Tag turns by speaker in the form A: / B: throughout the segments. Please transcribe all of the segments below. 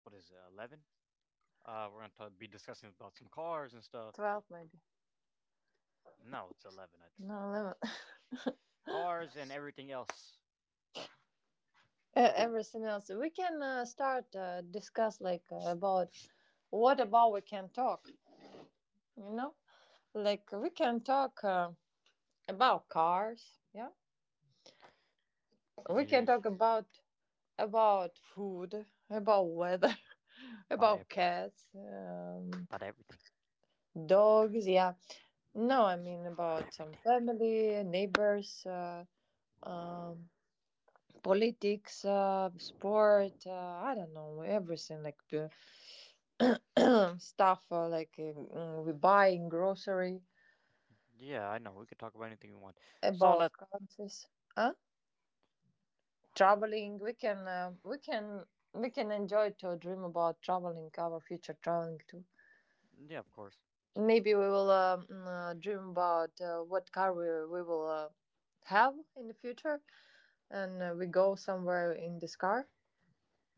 A: What is it, 11? We're going to be discussing about some cars and stuff.
B: 12 maybe.
A: No, it's 11, I think.
B: No 11.
A: Cars and everything else.
B: Everything else we can start discuss like about what about we can talk you know like we can talk about cars, yeah, we can
A: You.
B: talk about food, about weather,
A: About
B: about
A: everything.
B: cats,
A: About everything.
B: dogs, yeah. No, I mean about
A: About
B: some
A: everything.
B: family, neighbors, um politics, sport, I don't know, everything like stuff like we buying grocery,
A: Yeah, I know. We could talk about anything we want. So
B: about
A: let's.
B: countries. Huh? Traveling, we can we can we can enjoy to dream about traveling, our future traveling too.
A: Yeah, of course.
B: Maybe we will dream about what car we will have in the future, and we go somewhere in this car.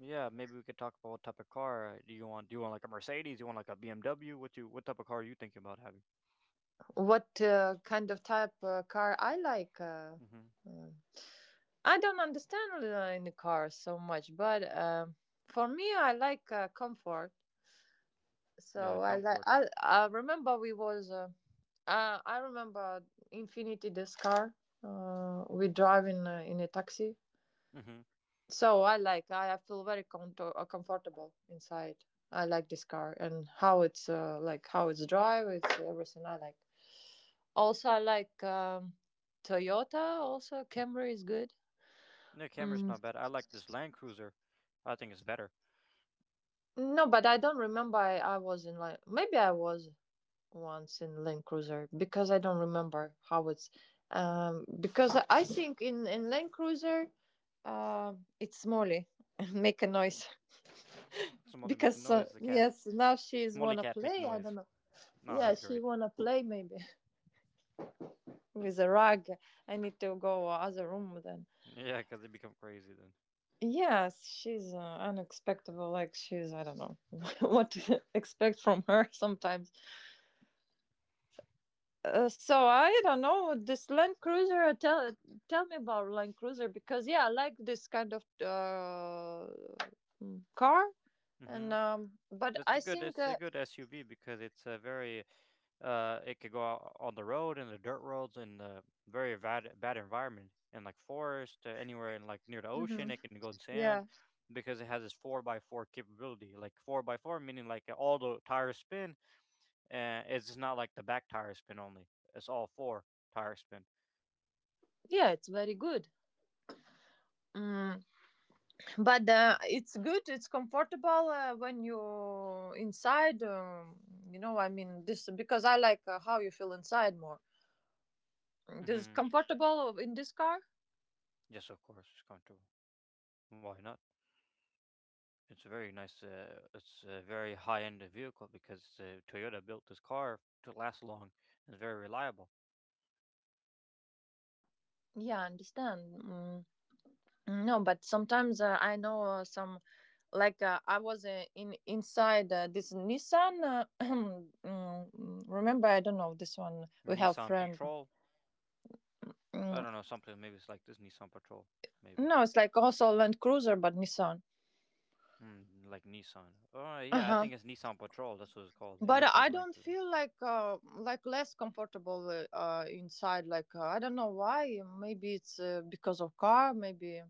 A: Yeah, maybe we could talk about what type of car do you want. Do you want like a Mercedes? You want like a BMW? What type of car are you thinking about having?
B: What kind of type car I like,
A: Mm-hmm.
B: uh, I don't understand in the car so much, but for me, I like comfort.
A: Yeah,
B: So
A: like
B: I like.
A: comfort.
B: I remember we was. I remember Infinity this car. We drive in a taxi.
A: Mm-hmm.
B: So I like. I feel very comfortable inside. I like this car and how it's like how it's drive. It's everything I like. Also, I like Toyota. Also, Camry is good.
A: The camera's
B: Mm.
A: not bad. I like this Land Cruiser. I think it's better.
B: No, but I don't remember. I was in, like, maybe I was once in Land Cruiser because I don't remember how it's, because I think in Land Cruiser it's Molly make a noise.
A: Does Molly make a
B: Because
A: noise? The cat.
B: yes, now
A: Does
B: she's
A: Molly
B: wanna
A: cat make
B: play, I don't
A: noise?
B: know.
A: No,
B: Yeah,
A: it's
B: she
A: great.
B: wanna play maybe, with a rug. I need to go other room then.
A: Yeah, because they become crazy then.
B: Yes, she's unexpected, like she's, I don't know, what to expect from her sometimes. So I don't know this Land Cruiser. Tell tell me about Land Cruiser, because, yeah, I like this kind of car,
A: Mm-hmm.
B: and but I think
A: It's a good SUV because it's a very. It could go out on the road and the dirt roads and the very bad environment and like forest, anywhere and like near the ocean.
B: Mhm.
A: It can go in sand
B: Yeah,
A: because it has this four by four capability. Like four by four meaning like all the tires spin. And it's just not like the back tire spin only. It's all four tire spin.
B: yeah, it's very good. Mm, but it's good. It's comfortable when you inside. You know, I mean this because I like how you feel inside more. Mm. This is
A: Mm-hmm.
B: comfortable in this car.
A: Yes, of course, it's comfortable. Why not? It's a very high end vehicle because Toyota built this car to last long and it's very reliable.
B: Yeah, I understand. Mm. No, but sometimes I know some, like I was in inside this Nissan. Mm, remember, I don't know this one. We have
A: Nissan
B: friend.
A: Patrol, I
B: Mm,
A: don't know, something maybe it's like this Nissan Patrol, maybe.
B: no, it's like also Land Cruiser, but Nissan.
A: Like Nissan. Oh,
B: Uh
A: yeah, I
B: huh.
A: think it's Nissan Patrol. That's what it's called. It
B: But
A: looks like
B: I
A: Land
B: don't
A: Cruiser.
B: feel like less comfortable, inside. Like I don't know why. Maybe it's because of car. Maybe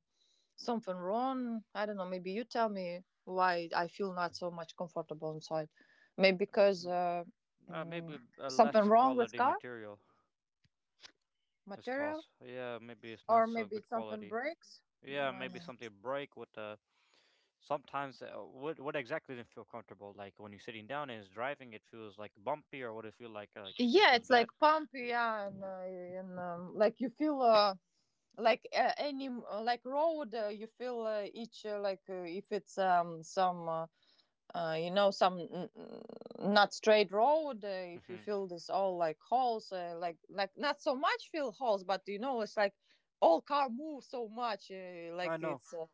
B: something wrong, I don't know. Maybe you tell me why I feel not so much comfortable inside. Maybe because
A: Mm,
B: mm,
A: Maybe a
B: something
A: less
B: wrong with
A: quality
B: car
A: material is
B: material,
A: possible. Yeah, maybe it's not
B: or
A: so
B: maybe
A: good
B: it's something
A: quality.
B: breaks.
A: Yeah,
B: Mm, I
A: maybe
B: know.
A: something break with the. Sometimes, what exactly didn't feel comfortable? Like when you're sitting down and it's driving, it feels like bumpy, or what it feel like? Like it
B: Yeah,
A: feels
B: it's like
A: bad.
B: pumpy, yeah, and like you feel like any like road you feel each like if it's some you know, some not straight road, if you
A: hmm
B: feel this all like holes, like not so much feel holes, but you know, it's like all car move so much,
A: I know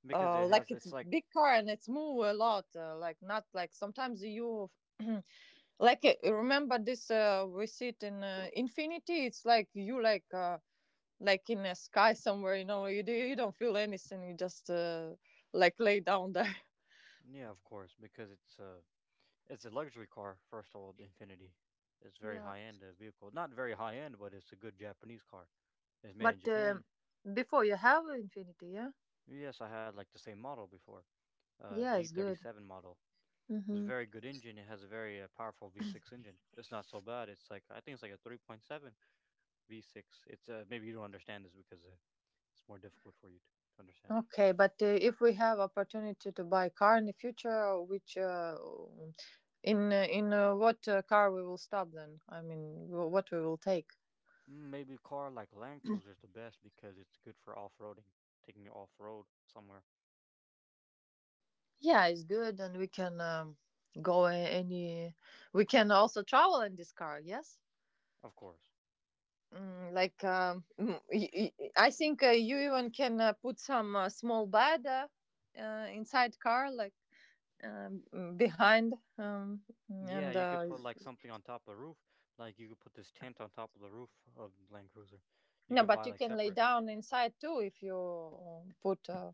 A: because it has.
B: like it's
A: It's like.
B: big car and it's move a lot, like not like sometimes you like remember this, we sit in infinity, it's like you like in a sky somewhere, you know, you, do, you don't feel anything you just like lay down there.
A: Yeah, of course, because it's a luxury car. First of all, the Infinity, it's very
B: Yeah.
A: high end vehicle. Not very high end, but it's a good Japanese car. It's made in
B: But
A: Japan.
B: before you have Infinity, yeah?
A: Yes, I had like the same model before,
B: Yeah, it's good.
A: G37 model. It's a
B: Mm-hmm.
A: very good engine. It has a very powerful V6 engine. It's not so bad. It's like I think it's like a 3.7 V6. It's maybe you don't understand this because it's more difficult for you to understand.
B: Okay, but if we have opportunity to buy car in the future, which in what car we will stop then? I mean, what we will take?
A: Maybe a car like Land Cruiser is the best because it's good for off-roading, taking you off-road somewhere.
B: Yeah, it's good, and we can go any. We can also travel in this car. Yes.
A: Of course.
B: Mm, like I think you even can put some small bed, inside car, like, behind,
A: Yeah,
B: and
A: you could put like something on top of the roof, like you could put this tent on top of the roof of Land Cruiser. You
B: no,
A: could
B: but
A: buy
B: you
A: like
B: can lay
A: separate.
B: down inside too if you put uh,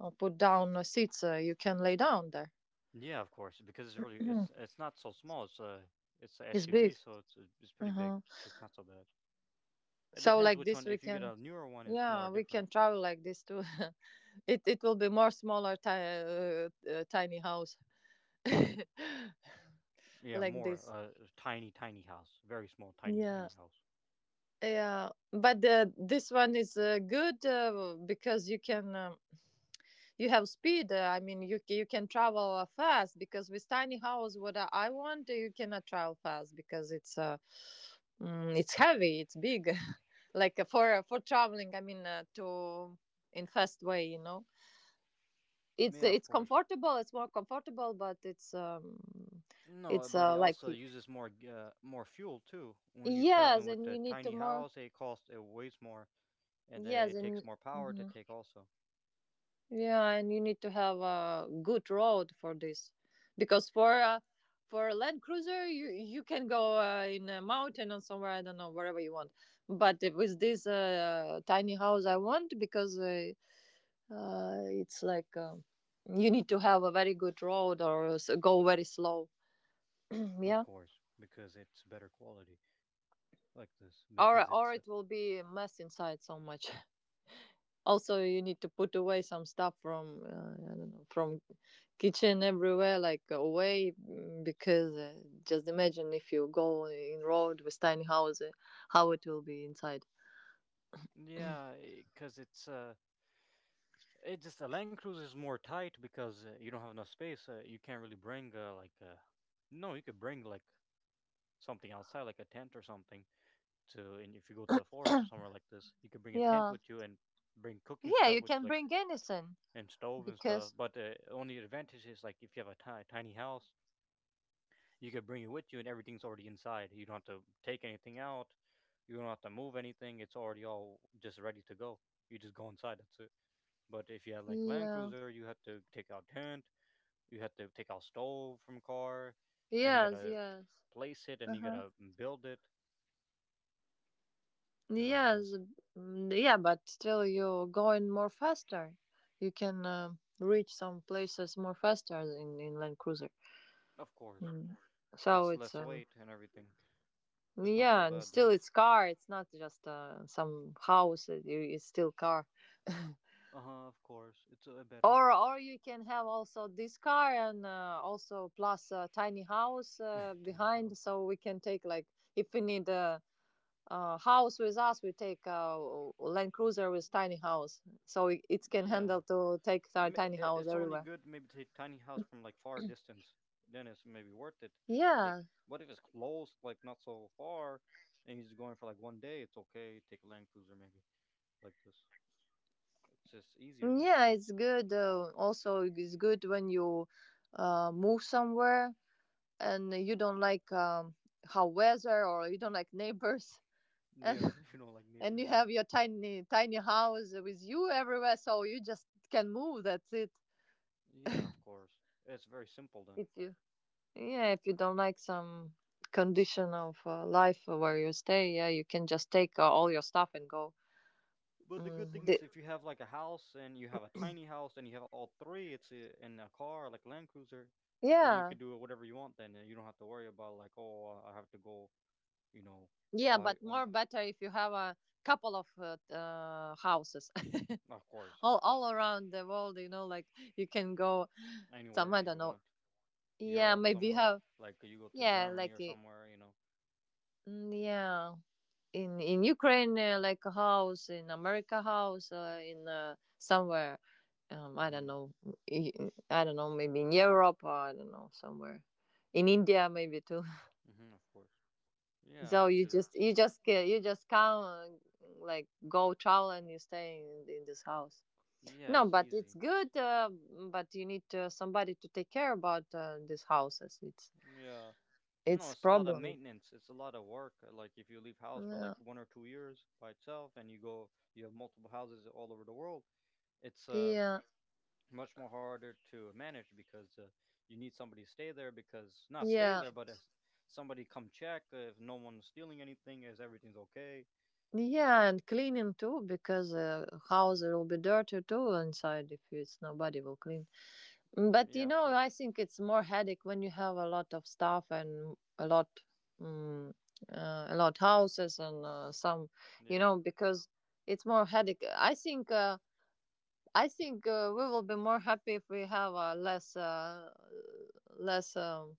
B: uh, put down seats, you can lay down there.
A: Yeah, of course, because it's really
B: Mhm.
A: it's it's not so small. It's a
B: It's
A: SUV,
B: big.
A: so it's pretty big.
B: Uh-huh.
A: It's not so bad. It
B: So
A: depends
B: like
A: which
B: this,
A: one.
B: we
A: If you get
B: can,
A: a newer one, it's more
B: yeah, we
A: different.
B: can travel like this too. It will be more smaller tiny house.
A: Yeah,
B: Like
A: more
B: this.
A: a tiny, tiny house, very small, tiny, tiny
B: Yeah.
A: house.
B: Yeah, but this one is good because you can you have speed, I mean you you can travel fast, because with tiny house, what I want, you cannot travel fast because it's it's heavy, it's big. Like for traveling, I mean to in fast way, you know. it's
A: Yeah, of
B: it's
A: course.
B: comfortable, it's more comfortable, but it's
A: No, but it
B: like,
A: also uses more fuel too. When you're traveling
B: yes,
A: with a
B: and you need
A: tiny
B: to more,
A: house, it weighs more, and it
B: yes,
A: takes
B: and
A: more power to
B: mm-hmm.
A: take also.
B: Yeah, and you need to have a good road for this, because for a Land Cruiser, you can go in a mountain or somewhere, I don't know, wherever you want. But with this tiny house, I want, because it's like you need to have a very good road or go very slow.
A: Of
B: Yeah,
A: course, because it's better quality like this. Because it's
B: or it will be a mess inside so much. Also you need to put away some stuff from, I don't know, from kitchen, everywhere, like away, mm, because just imagine if you go in road with tiny house, how it will be inside.
A: yeah, because it just a Land Cruiser is more tight because you don't have enough space. You can't really bring like, no, you could bring like something outside, like a tent or something to and if you go to a forest or somewhere like this, you could bring a tent
B: Yeah.
A: with you and bring cooking
B: Yeah,
A: stuff,
B: you
A: which
B: can
A: like,
B: bring anything
A: and stove and stuff.
B: because,
A: But the only advantage is like if you have a tiny house, you could bring it with you and everything's already inside. You don't have to take anything out. You don't have to move anything. It's already all just ready to go. You just go inside. That's it. But if you had like Land
B: yeah,
A: Cruiser, you had to take out tent. You had to take out stove from car, and you
B: yes,
A: gotta
B: yes,
A: place it and you
B: uh-huh,
A: gotta build it. It's like
B: yes.
A: this.
B: Mm, yeah, but still you're going more faster, you can reach some places more faster in Land Cruiser.
A: Of course.
B: Mm. So
A: It's
B: it's
A: less weight and everything. It's not so
B: yeah, and
A: bad
B: still
A: then.
B: it's car. It's not just some house. It's still car.
A: Uh huh. Of course, it's better.
B: Or you can have also this car and also plus a tiny house
A: Tiny
B: behind,
A: house.
B: so we can take like, if we need a house with us, we take a Land Cruiser with tiny house, so it can
A: Yeah,
B: handle to take our
A: Ma-
B: tiny
A: i- it's
B: house
A: only
B: everywhere.
A: good maybe to take tiny house from like far distance. Then it's maybe worth it to take.
B: Yeah,
A: But if it's close, like not so far, and you're just going for like one day, it's okay. Take a land cruiser maybe like this. It's just easier then.
B: yeah, it's good. Also, it's good when you move somewhere and you don't like how weather or you don't like neighbors,
A: Yeah,
B: and,
A: if you don't like
B: and
A: neighbors,
B: you
A: yeah.
B: have your tiny tiny house with you everywhere, so you just can move, that's it.
A: Yeah,
B: If
A: of course. It's very simple then.
B: you, yeah, if you don't like some condition of life where you stay, yeah, you can just take all your stuff and go.
A: But the good thing
B: Mm, the,
A: is, if you have like a house and you have a tiny house and you have all three, in a car like Land Cruiser, you
B: yeah,
A: can do whatever you want. Then, and you don't have to worry about, like, oh, I have to go, you know,
B: yeah,
A: I
B: but
A: on
B: more better if you have a couple of houses
A: of course,
B: all around the world, you know, like you can go some,
A: anywhere
B: I
A: you
B: don't know.
A: want,
B: Yeah,
A: Europe
B: maybe you
A: somewhere,
B: have,
A: like you go to
B: yeah,
A: Germany
B: like
A: or somewhere.
B: yeah, in Ukraine, like a house in America, house in somewhere, I don't
A: Mhm.
B: know, I I don't know, maybe in Europe, or I don't know, somewhere in India, maybe too.
A: Mhm. Of course. Yeah,
B: So you
A: because
B: just
A: it's,
B: you just you just come like go travel and you stay in this house. No,
A: yes,
B: but it's
A: easy.
B: good. But you need somebody to take care about these houses.
A: Yeah. No,
B: It's
A: it's a lot of
B: problem.
A: maintenance. It's a lot of work. Like if you leave house for like
B: Yeah.
A: 1 or 2 years by itself, and you go, you have multiple houses all over the world. It's
B: Yeah.
A: much more harder to manage because you need somebody to stay there, because not stay
B: Yeah,
A: there, but if somebody come check if no one's stealing anything, is everything's okay?
B: yeah, and cleaning too, because house will be dirty too inside if it's nobody will clean. Mm. But
A: Yeah,
B: you
A: of
B: know,
A: course.
B: I think it's more headache when you have a lot of stuff and um, a lot houses and some, you
A: Yeah,
B: know, because it's more headache. I think we will be more happy if we have less, less.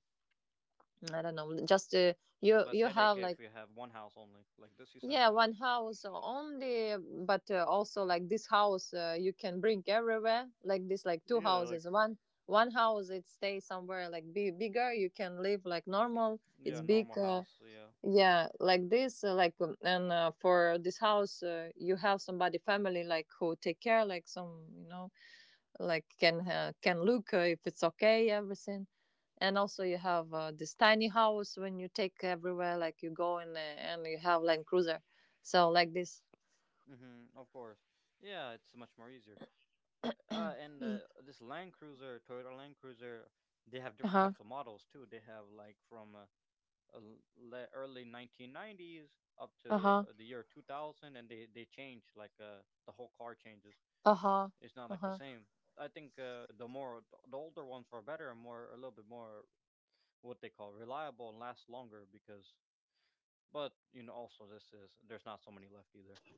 B: I don't know. Just you,
A: less
B: you
A: headache
B: have
A: if
B: like,
A: you have one house only, like this you're saying.
B: yeah, one house only, but also like this house you can bring everywhere. Like this, like two
A: Yeah, like
B: houses. One one house, it stays somewhere, like be bigger. You can live like normal. It's
A: yeah,
B: big.
A: normal house. Yeah.
B: Yeah, like this. Like and for this house, you have somebody family like who take care, like some, you know, like can look if it's okay everything, and also you have this tiny house when you take everywhere, like you go in and you have Land Cruiser, so like this.
A: Mm-hmm, of course. Yeah, it's much more easier. And this Land Cruiser, Toyota Land Cruiser, they have different
B: Uh-huh.
A: types of models too. They have like from a early 1990s up to
B: Uh-huh.
A: the year 2000, and they change like the whole car changes.
B: Uh-huh.
A: It's not like
B: Uh-huh.
A: the same. I think the more the older ones are better and more a little bit more what they call reliable and last longer because. But you know, also this is there's not so many left either.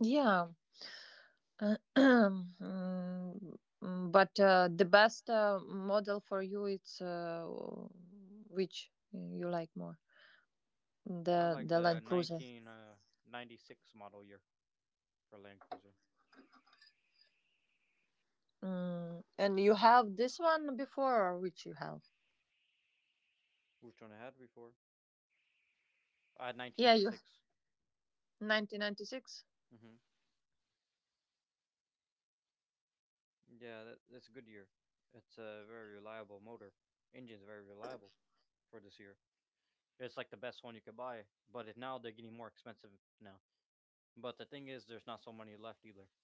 B: Yeah. Mm, but the best model for you, it's which you like more,
A: I
B: the
A: like
B: Land
A: the
B: Cruiser.
A: 1996 model year for Land Cruiser.
B: Mm, and you have this one before, or which you have?
A: Which one I had before?
B: Yeah, you,
A: 1996.
B: 1996.
A: hmm Yeah, that's a good year. It's a very reliable motor. Engine's very reliable for this year. It's like the best one you could buy, but now they're getting more expensive now. But the thing is, there's not so many left either.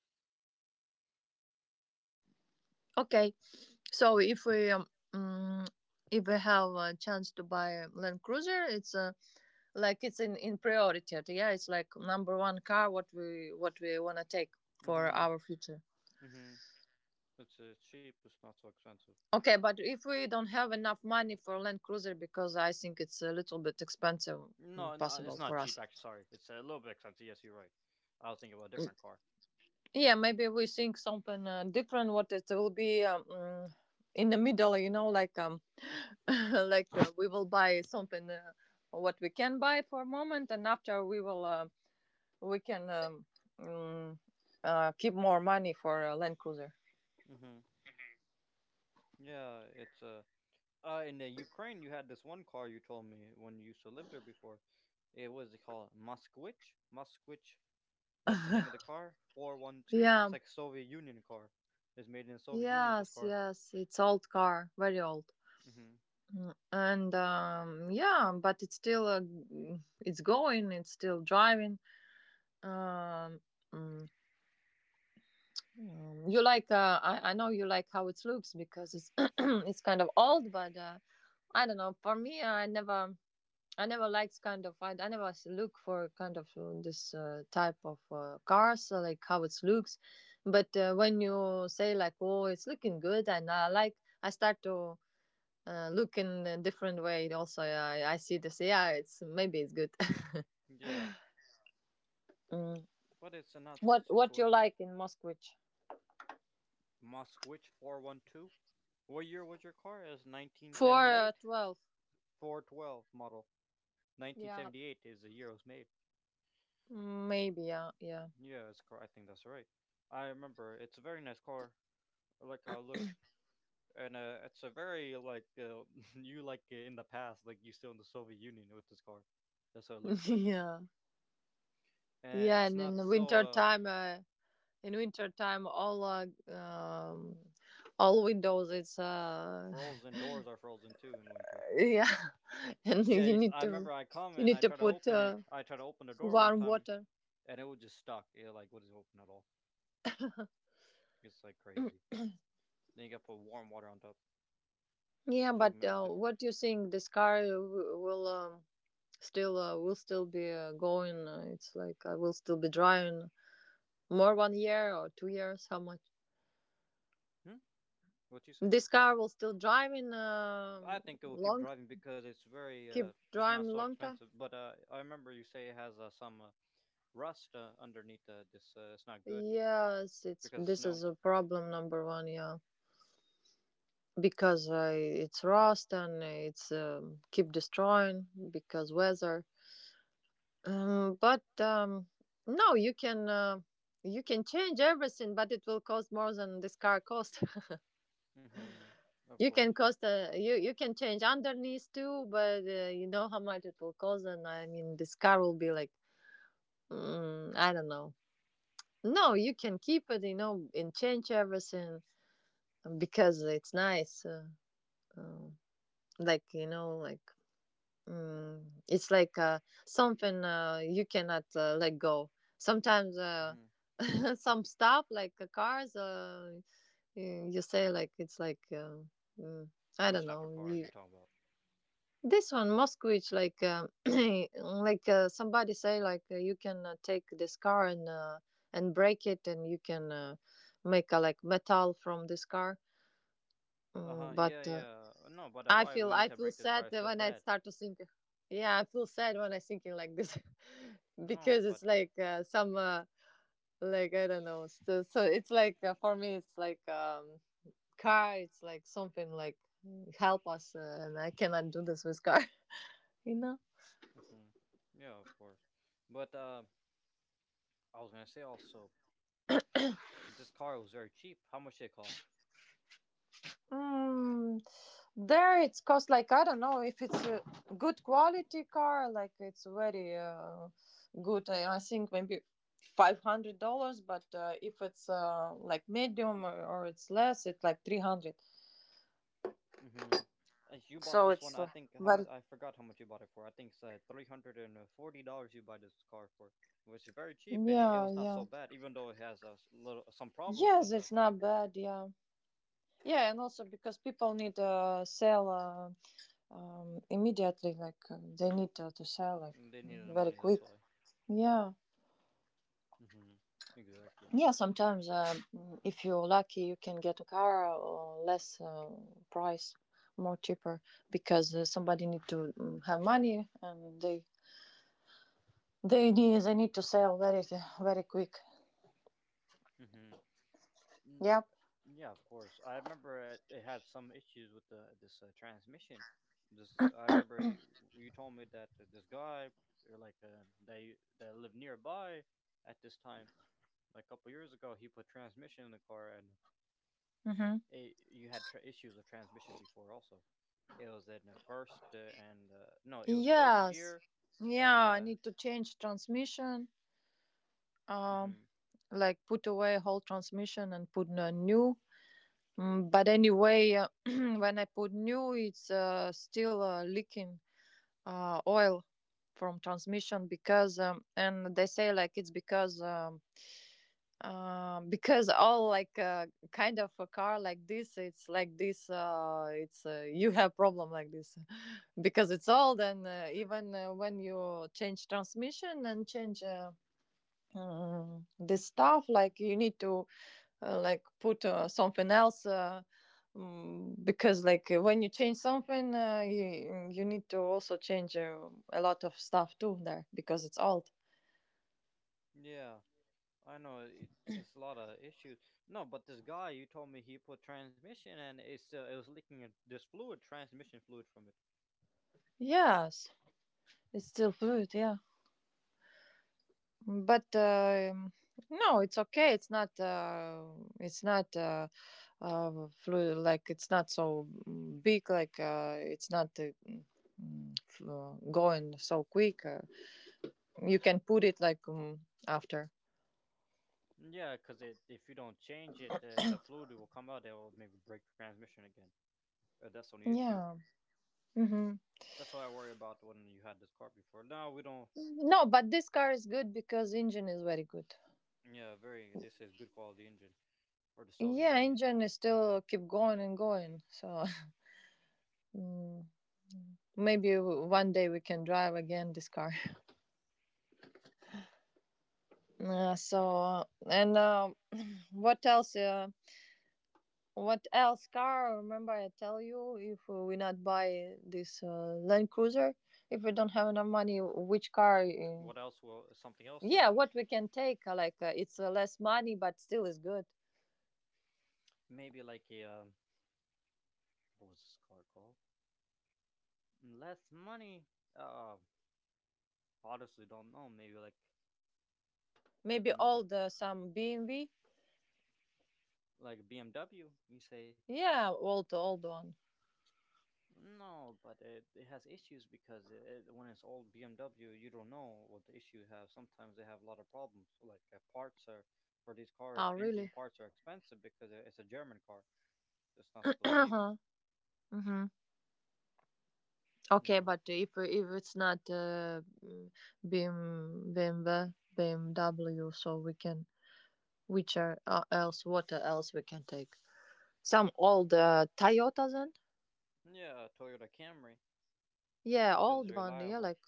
B: Okay, so if we mm, if we have a chance to buy a Land Cruiser, it's like it's in priority. Yeah, it's like number one car, what we wanna take for
A: Hmm,
B: our future.
A: hmm. It's cheap. It's not so expensive.
B: Okay, but if we don't have enough money for Land Cruiser because I think it's a little bit expensive,
A: No, no,
B: possible
A: it's
B: for
A: not
B: us.
A: cheap. Actually, sorry, it's a little bit expensive. Yes, you're right. I was thinking about a different car.
B: Yeah, maybe we think something different. What it will be in the middle, you know, like we will buy something what we can buy for a moment, and after we will we can mm, keep more money for a land cruiser.
A: Hmm. Yeah, it's a. In the Ukraine, you had this one car you told me when you used to live there before. It was called Moskvich. Moskvich. That's the name of the car. 412.
B: Yeah.
A: It's like Soviet Union car. It's made in Soviet Union.
B: Yes,
A: This car.
B: yes, it's old car, very old.
A: Hmm.
B: Mm, and Yeah, but it's still it's going it's still driving. um mm, you like I know you like how it looks because it's it's kind of old, but I don't know, for me I never— I never liked kind of— I never look for kind of this type of cars, like how it looks, but when you say like, oh, it's looking good and I like— I start to look in a different way. Also I see this, yeah, it's maybe it's good.
A: Yeah,
B: Mm.
A: but it's a not.
B: What
A: It's a
B: what you
A: sort
B: like in Moskvich?
A: Moskvich 412. What year was your car? It's nineteen
B: Four
A: seventy eight.
B: 12.
A: 412 model. Nineteen
B: Yeah.
A: seventy eight is the year it was made.
B: Mm, maybe, yeah, yeah.
A: Yeah, it's car. I think that's right. I remember. It's a very nice car. I like how it looks, and it's a very like, you like, in the past, like you still in the Soviet Union with this car. That's what it looks like.
B: Yeah,
A: And
B: yeah, and
A: it's
B: in the
A: not
B: winter
A: so
B: time in winter time, all windows is
A: frozen. Doors are frozen too in winter.
B: yeah, and
A: Yeah,
B: you need
A: I
B: to—
A: remember I
B: you
A: come
B: need
A: and I
B: to
A: try to
B: put
A: open it. I try to open the door one
B: warm
A: time,
B: water.
A: and it was just stuck. Yeah, like what is open at all? It's like crazy. Then you got to put warm water on top
B: Yeah,
A: to
B: but
A: melt it.
B: what you think? This car will still will still be going. It's like I will still be driving more 1 year or 2 years. How much?
A: Hmm? What you say,
B: This car
A: Tom?
B: will still drive in
A: I think it will keep
B: long—
A: driving because it's very.
B: keep
A: It's not
B: driving
A: so
B: long time.
A: expensive. But I remember you say it has some rust underneath this. It's not good
B: Yes, it's—
A: because of
B: this
A: snow.
B: is a problem number one. Yeah. Because I— it's rust and it's keep destroying because weather. But no, you can change everything, but it will cost more than this car cost.
A: Hmm. Of
B: You can
A: course.
B: cost— you can change underneath too, but you know how much it will cost, and I mean, this car will be like I don't know. No, you can keep it, you know, and change everything because it's nice. Um, like, you know, like Mm, it's like something you cannot let go. Sometimes
A: Hmm.
B: some stuff like cars, you say like it's like mm, I don't
A: Which type
B: know.
A: of car are
B: You—
A: you talking about?
B: this one Moskvich, like like somebody say like you can take this car and break it, and you can make a like metal from this car.
A: Uh huh.
B: Mm, but
A: Yeah, yeah. No, but
B: I
A: why
B: feel
A: we
B: I
A: need to
B: feel
A: break this
B: sad
A: car? I
B: that
A: feel
B: when I
A: bad.
B: start to think. Yeah, I feel sad when I thinking like this, because
A: No,
B: it's
A: but
B: like some like I don't know. So it's like for me, it's like car. It's like something like help us, and I cannot do this with car. You know.
A: hmm, yeah, of course. But I was gonna say also, this car was very cheap. How much did it cost?
B: Mm, there it's cost, like, I don't know, if it's a good quality car, like it's very good. I think maybe $500, but if it's like medium, or it's less, it's like 300.
A: hmm You bought
B: So
A: this one.
B: it's
A: I think how
B: very—
A: much? I forgot how much you bought it for. I think it's $340. You buy this car for, which is very cheap, and it
B: yeah,
A: was not
B: yeah.
A: so bad, even though it has a little some problems.
B: Yes,
A: But
B: it's not bad. Yeah, yeah, and also because people need sell immediately, like they need to sell like
A: they needed the
B: very
A: money,
B: quick.
A: that's why.
B: Yeah.
A: Hmm. Exactly.
B: Yeah, sometimes if you're lucky, you can get a car or less price, more cheaper because somebody need to have money, and they— they need to sell very— very quick.
A: Hmm.
B: Yep.
A: Yeah, of course. I remember it had some issues with the this transmission. This I remember you told me that this guy or like they that lived nearby at this time, like a couple years ago, he put transmission in the car, and
B: Mm-hmm.
A: you had issues with transmission before also. It was in the first, and no, it was first
B: Yes.
A: gear,
B: Yeah,
A: and
B: I need to change transmission. Um,
A: hmm.
B: like put away whole transmission and put a new. Mm, but anyway, when I put new, it's still leaking oil from transmission because and they say like it's because all like kind of a car like this, it's like this, it's you have problem like this because it's old, and even when you change transmission and change this stuff, like, you need to like put something else, because like when you change something, you need to also change a lot of stuff too there because it's old.
A: Yeah, I know it's a lot of issues. No, but this guy you told me he put transmission and it was leaking this fluid, transmission fluid from it.
B: Yes, it's still food, yeah, but no, it's okay. It's not it's not flu— like it's not so big, like it's not going so quick, you can put it like after.
A: Yeah, because it if you don't change it, the fluid will come out. It will maybe break transmission again. That's the only issue.
B: Yeah. Hmm.
A: That's why I worry about when you had this car before. Now we don't.
B: No, but this car is good because engine is very good.
A: Yeah, very. This is good quality engine for the Soviet
B: Yeah,
A: Union.
B: engine is still keep going and going. So mm, maybe one day we can drive again this car. So and what else? What else car? Remember, I tell you, if we not buy this Land Cruiser, if we don't have enough money, which car?
A: What else? Well, something else then.
B: Yeah, what we can take? Like it's less money, but still is good.
A: Maybe like a what was this car called? Less money. Uh, honestly, don't know. Maybe like
B: Maybe
A: another
B: old some BMW.
A: like BMW, you say,
B: Yeah, old one.
A: no, but it has issues because when it's old BMW, you don't know what the issue have. Sometimes they have a lot of problems. Like parts are for these cars,
B: Oh,
A: engine
B: really?
A: parts are expensive because it's a German car. It's not so cheap,
B: Uh-huh. Hmm.
A: you
B: Okay,
A: know.
B: but if it's not BIM BMW BMW, so we can— which are else, what else we can take? Some old Toyota then?
A: Yeah, Toyota Camry
B: Yeah,
A: because it's
B: old one. Yeah,
A: reliable.
B: like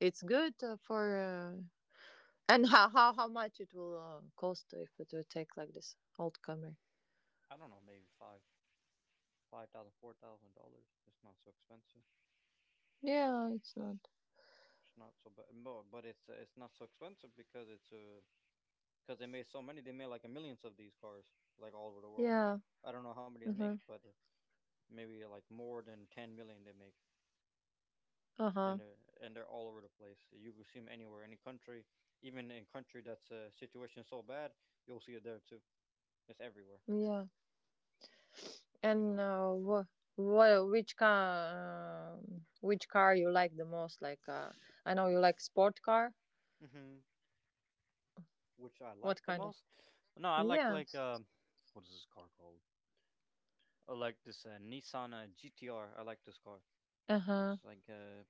B: it's good for. And how much it will cost if it will take like this old Camry?
A: I don't know, maybe five. 5,000, $4,000. It's not so expensive.
B: Yeah, it's not.
A: It's not so bad, but it's not so expensive because it's a, because they made so many. They made like millions of these cars, like all over the world.
B: Yeah.
A: I don't know how many they
B: Uh
A: make,
B: huh.
A: but maybe like more than 10 million they make,
B: Uh
A: and
B: huh.
A: uh, and they're all over the place. You can see them anywhere, any country, even in country that's a situation so bad, you'll see it there too. It's everywhere,
B: Yeah.
A: you know.
B: And which car you like the most? Like, I know you like sport car.
A: Hmm. Which I
B: What
A: like the
B: kind of?
A: most. No, I like
B: Yeah.
A: like um, what is this car called? I like this Nissan GTR. I like this car.
B: Uh huh.
A: It's like uh,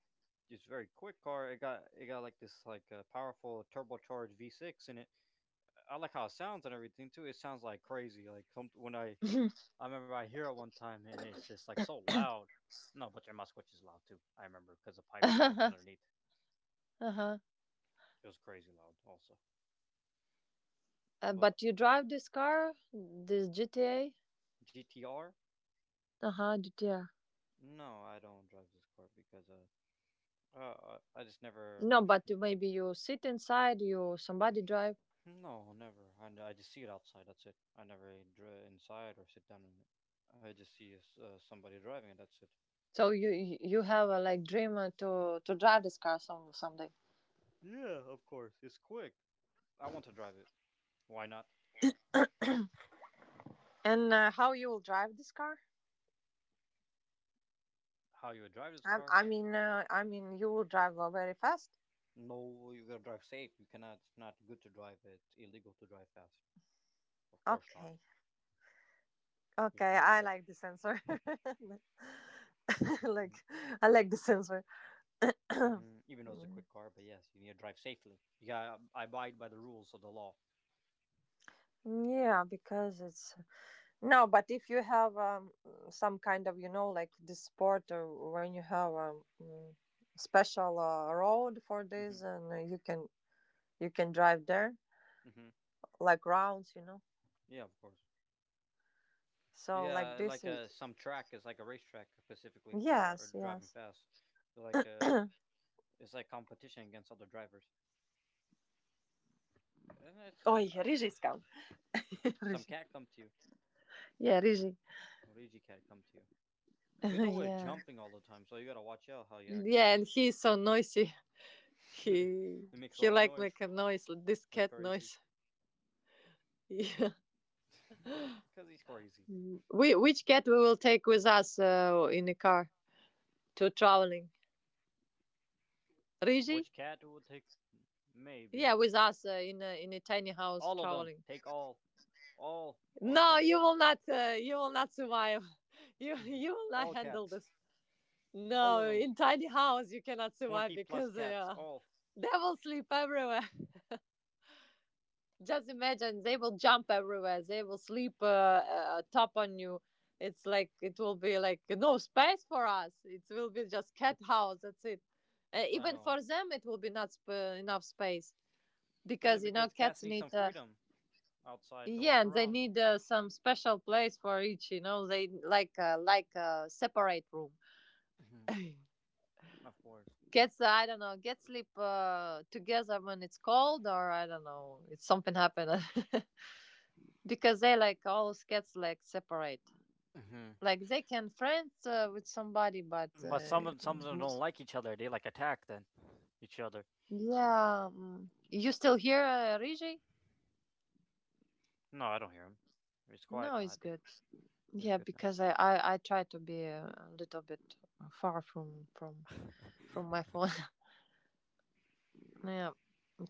A: It's very quick car. It got like this like powerful turbocharged V6 in it. I like how it sounds and everything too. It sounds like crazy. Like some, when I I remember I hear it one time and it's just like so loud. No, but their Moskvich is loud too. I remember because the pipe is
B: Uh
A: broken underneath.
B: huh.
A: It was crazy loud also. But
B: But you drive this car, this GTA.
A: GTR?
B: Uh huh. GTA.
A: No, I don't drive this car because I just never.
B: No, but maybe you sit inside. You somebody drive.
A: No, never. I just see it outside. That's it. I never drive inside or sit down in it. I just see somebody driving it. That's it.
B: So you have a like dream to drive this car some someday.
A: Yeah, of course. It's quick. I want to drive it. Why not?
B: And how you will drive this car?
A: How you would drive this car?
B: I mean I mean you will drive very fast.
A: No, you gotta drive safe. You cannot. It's not good to drive it. Illegal to drive fast. Of course not.
B: Okay.
A: It's
B: Okay,
A: not
B: I
A: good.
B: like the sensor. Like, I like the sensor.
A: Mm-hmm. Even though it's a
B: Mm.
A: quick car, but yes, you need to drive safely. Yeah, I abide by the rules of the law.
B: Yeah, because it's— no, but if you have some kind of, you know, like this sport, or when you have special road for
A: Mm-hmm.
B: this, and you can— you can drive there
A: Mm-hmm.
B: like rounds, you know.
A: Yeah, of course.
B: So like
A: Yeah,
B: this
A: like
B: is—
A: some track is like a racetrack specifically for
B: yes,
A: driving
B: yes.
A: fast. Like it's like competition against other drivers. And
B: Oh, yeah, Rizhi's come.
A: some
B: Rizhi.
A: cat come to you,
B: Yeah, Rizhi.
A: or Luigi cat come to you. He's always
B: Yeah.
A: jumping all the time, so you gotta watch out how he acts.
B: Yeah, and he's so noisy. He—
A: He makes a
B: he
A: lot of
B: like
A: noise
B: make a noise, like this
A: like
B: cat
A: crazy.
B: noise. Yeah.
A: Because he's crazy.
B: Mm. We— which cat we will take with us in the car to traveling? Rigi?
A: Which cat will take?
B: Yeah,
A: Maybe.
B: with us in a tiny house
A: All of them.
B: traveling.
A: Take all. All. All
B: No, you
A: cats.
B: will not. You will not survive. You will not
A: All
B: handle
A: cats.
B: this.
A: All of
B: No,
A: them.
B: in tiny house you cannot survive
A: 20 plus
B: because
A: cats. All.
B: they will sleep everywhere. Just imagine, they will jump everywhere. They will sleep top on you. It's like, it will be like no space for us. It will be just cat house, that's it.
A: I
B: Even
A: know.
B: for them, it will be not enough space
A: Yeah,
B: because you know
A: because cats
B: cats
A: need some
B: need
A: freedom outside to
B: yeah,
A: walk
B: and they
A: around.
B: need some special place for each. You know, they like separate room.
A: Of course.
B: Cats, I don't know, get sleep together when it's cold, or I don't know, it's something happened because they like all cats like separate.
A: Mm-hmm.
B: Like they can friends with somebody, but
A: But some of them don't like each other. They like attack then each other.
B: yeah, mm, you still hear Riji?
A: No, I don't hear him. It's
B: No,
A: quiet now,
B: it's
A: I think.
B: good.
A: It's
B: Yeah,
A: good now.
B: because I try to be a little bit far from my phone. Yeah,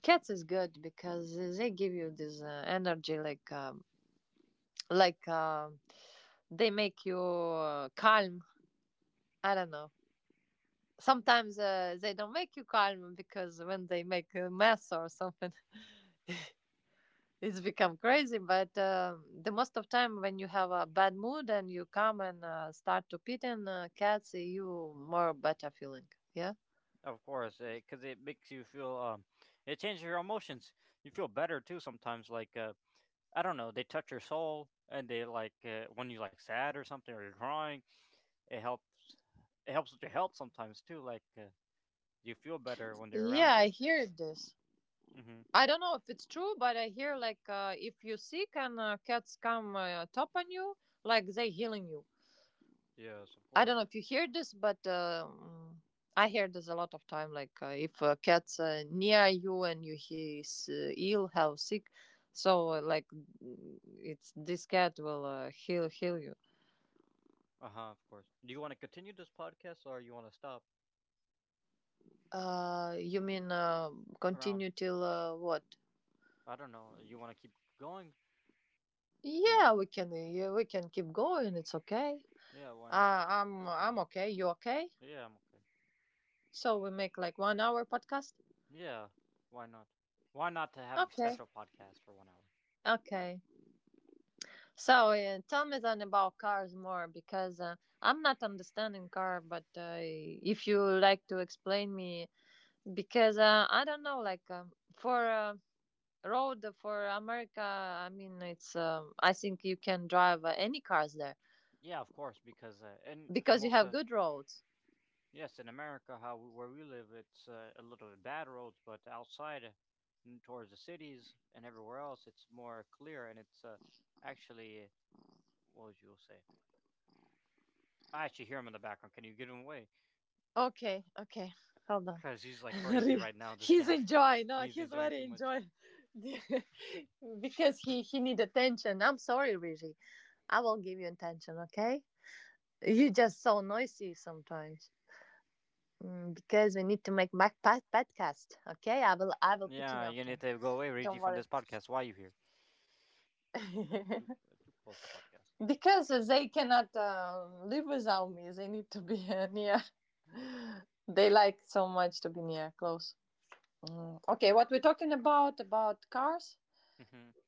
B: cats is good because they give you this energy, like like um they make you calm. I don't know. Sometimes they don't make you calm because when they make a mess or something. It's become crazy, but the most of time when you have a bad mood and you come and start to pit in cats, you more better feeling, yeah.
A: Of course, because it makes you feel. It changes your emotions. You feel better too sometimes. Like I don't know, they touch your soul, and they like when you like sad or something or you're crying. It helps. It helps with your health sometimes too. Like you feel better when they're
B: Yeah,
A: around you.
B: I hear this.
A: Mm-hmm.
B: I don't know if it's true, but I hear like if you sick and cats come top on you, like, they healing you.
A: Yes, of
B: I don't
A: course.
B: know if you hear this, but I hear this a lot of time. Like if a cat's near you and you— he is ill, how sick, so like it's— this cat will heal you.
A: Uh huh. Of course. Do you want to continue this podcast or you want to stop
B: You mean
A: around?
B: continue till what?
A: I don't know. You want to keep going? Oh,
B: Yeah, we can— yeah, we can keep going, it's okay.
A: yeah. Why not?
B: I'm
A: Keep going.
B: I'm okay. You okay?
A: Yeah, I'm okay.
B: So we make like 1 hour podcast.
A: Yeah, why not? Why not to have a
B: Okay.
A: special podcast for one hour?
B: Okay. So tell me then about cars more because I'm not understanding car, but if you like to explain me, because I don't know, like for road for America, I mean it's I think you can drive any cars there
A: Yeah, of course, because in
B: because you
A: most,
B: have good roads.
A: yes, in America, how where we live, it's a little bit bad roads, but outside, towards the cities and everywhere else, it's more clear and it's actually what would you say? I actually hear him in the background. Can you get him away?
B: Okay, okay, hold on.
A: Because he's like crazy
B: Re-
A: right now. This
B: he's
A: cat,
B: enjoying. No,
A: he's
B: he's
A: enjoying
B: very
A: too much.
B: enjoying because he need attention. I'm sorry, Rishi. I will give you attention. Okay. You're just so noisy sometimes. Because we need to make podcast. Okay, I will. I will pitching
A: Yeah, you
B: after.
A: need to go away, Reggie,
B: Don't
A: from
B: worry.
A: this podcast. Why are you here? Too, uh, too close to podcast.
B: Because they cannot live without me. They need to be near. They like so much to be near, close. Okay, what we're talking about cars?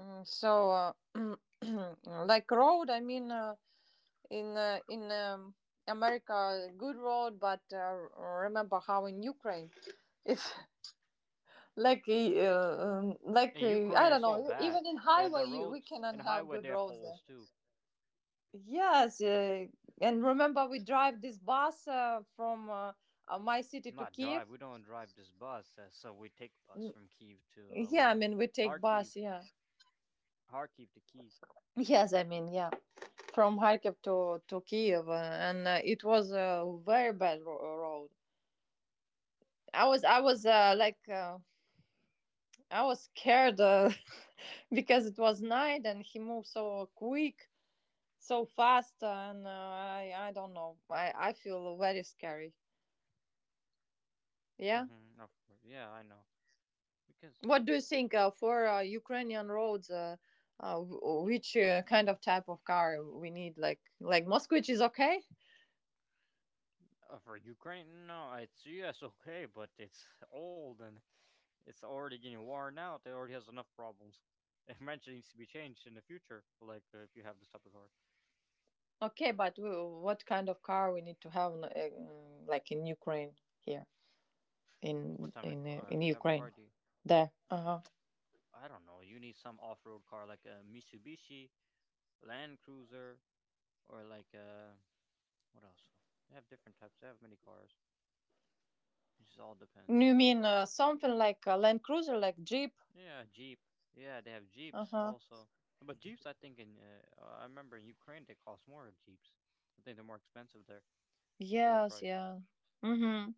B: Mm, So, uh, like road, I mean, in America, good road, but remember how in Ukraine, if
A: In
B: I
A: Ukraine,
B: don't
A: it's so
B: know.
A: bad.
B: Even in
A: Uh,
B: highway,
A: the
B: we
A: roads
B: cannot
A: and
B: have
A: highway
B: good
A: they have
B: roads there.
A: holes too.
B: Yes, and remember we drive this bus from my city to
A: Not
B: Kiev.
A: drive. We don't drive this bus, so we take bus
B: Mm,
A: from Kiev to
B: Yeah, I
A: where
B: mean we take
A: Kharkiv,
B: bus. Yeah.
A: Kharkiv to Kiev.
B: Yes, I mean yeah, from Kharkiv to Kiev, and it was a very bad road. I was I was uh, like uh, I was scared because it was night and he moved so quick so fast and I don't know I feel very scary, yeah.
A: Hmm. Of course, yeah, I know. Because
B: What do you think for ukrainian roads which kind of type of car we need, like moskvich is okay?
A: for Ukraine, no, it's yes, okay, but it's old and it's already getting worn out. It already has enough problems. It eventually needs to be changed in the future. Like if you have this type of car,
B: Okay, but what kind of car we need to have in, like in ukraine here,
A: what type of
B: in
A: type of car
B: ukraine
A: do you?
B: there. Uh-huh.
A: I don't know. You need some off-road car like a Mitsubishi Land Cruiser or like what else? They have different types. They have many cars. It just all depends.
B: You mean something like a land cruiser, like jeep?
A: Yeah, Jeep. Yeah, they have Jeeps
B: Uh-huh.
A: also. But Jeeps, I think in I remember in Ukraine they cost more Jeeps. I think they're more expensive there for the
B: Yes,
A: price.
B: yeah. Mm-hmm.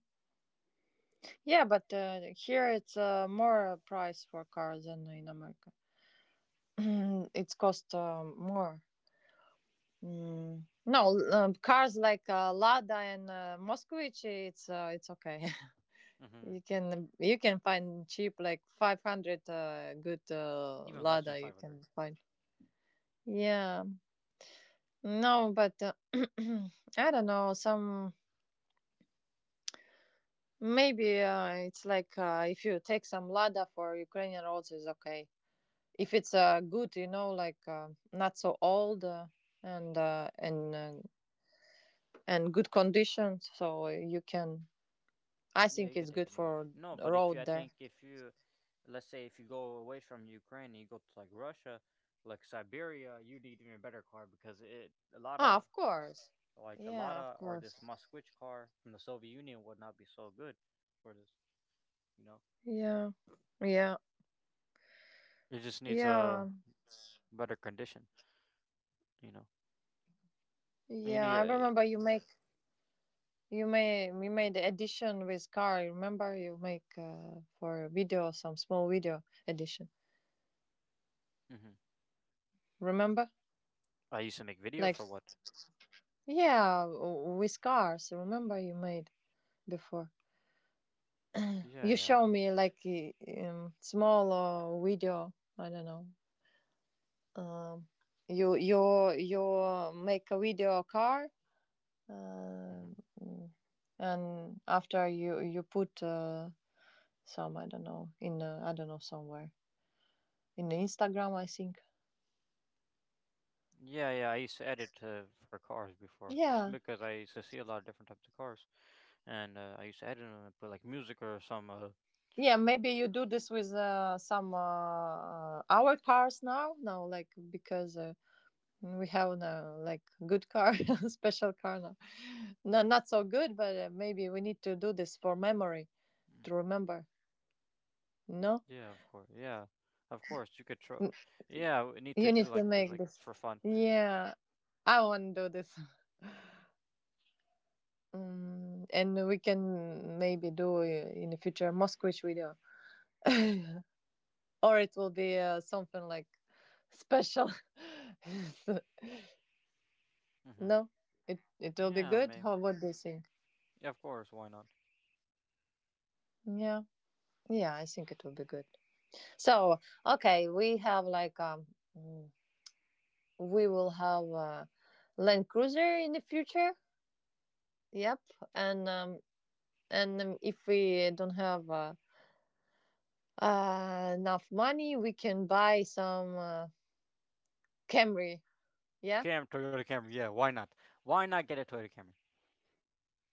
B: Yeah, but here it's more price for cars than in America. It's cost more. Mm. No, cars like Lada and Moskvich, it's okay.
A: Mm-hmm.
B: You can you can find cheap like 500 good
A: Even less than
B: Lada.
A: five
B: You
A: hundred.
B: can find. Yeah, no, but I don't know. Some maybe it's like if you take some Lada for Ukrainian roads, is okay. If it's good, you know, like not so old, and uh, and uh, and good condition, so you can, I
A: Yeah,
B: think
A: you
B: it's
A: could take
B: good
A: anywhere.
B: for
A: No, but if you,
B: road
A: I
B: there.
A: think if you, let's say if you go away from Ukraine, and you go to like Russia, like Siberia, you need even better car because it a lot
B: Ah,
A: of
B: of course.
A: like a
B: Yeah,
A: Lada
B: of
A: or
B: course.
A: this Moskvich car from the Soviet Union would not be so good for this. You know,
B: Yeah, yeah,
A: it just needs a
B: yeah,
A: better condition. You know, you
B: yeah.
A: need.
B: I
A: A,
B: remember you made, we made the edition with car, remember you make for video some small video edition,
A: hmm.
B: remember?
A: I used to make video
B: Like
A: for what?
B: yeah, with cars, remember you made before?
A: Yeah,
B: You
A: yeah, I
B: show
A: know.
B: me like small video. I don't know. Um, you make a video car, uh,
A: Hmm.
B: and after you put some, I don't know, in I don't know, somewhere in Instagram, I think.
A: Yeah, yeah, I used to edit for cars before
B: Yeah.
A: because I used to see a lot of different types of cars, and I used to edit them and put like music or some.
B: Yeah, maybe you do this with some our cars now, like because we have no like good car, special car now. No, not so good, but maybe we need to do this for memory
A: Mm,
B: to remember. No,
A: yeah, of course. Yeah, of course. You could try.
B: N-
A: Yeah, we need to
B: you
A: do
B: need to
A: like this
B: make
A: like
B: this.
A: for fun.
B: Yeah, I want to do this, and we can maybe do in the future Moscow video, or it will be something like special.
A: Hmm.
B: No, it will be
A: Yeah,
B: good.
A: maybe.
B: How, what do you think?
A: Yeah, of course. Why not?
B: Yeah, yeah, I think it will be good. So, okay, we have like mm, we will have a Land Cruiser in the future. Yep. And um and if we don't have enough money, we can buy some Camry. Yeah.
A: Cam Toyota Camry. Yeah, why not? Why not get a Toyota Camry?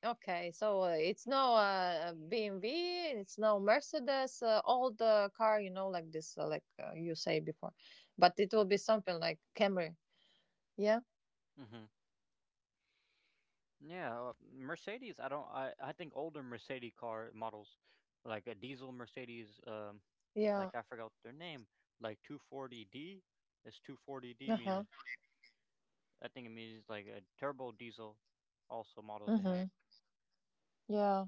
B: Okay. So it's no BMW, it's no Mercedes, old car, you know, like this you say before. But it will be something like Camry. Yeah.
A: Hmm. Yeah, Mercedes. I don't. I think older Mercedes car models, like a diesel Mercedes.
B: Yeah.
A: Like I forgot their name. Like 240D. It's 240D
B: Uh-huh.
A: means I think it means like a turbo diesel. Also models they had.
B: Mhm. Yeah.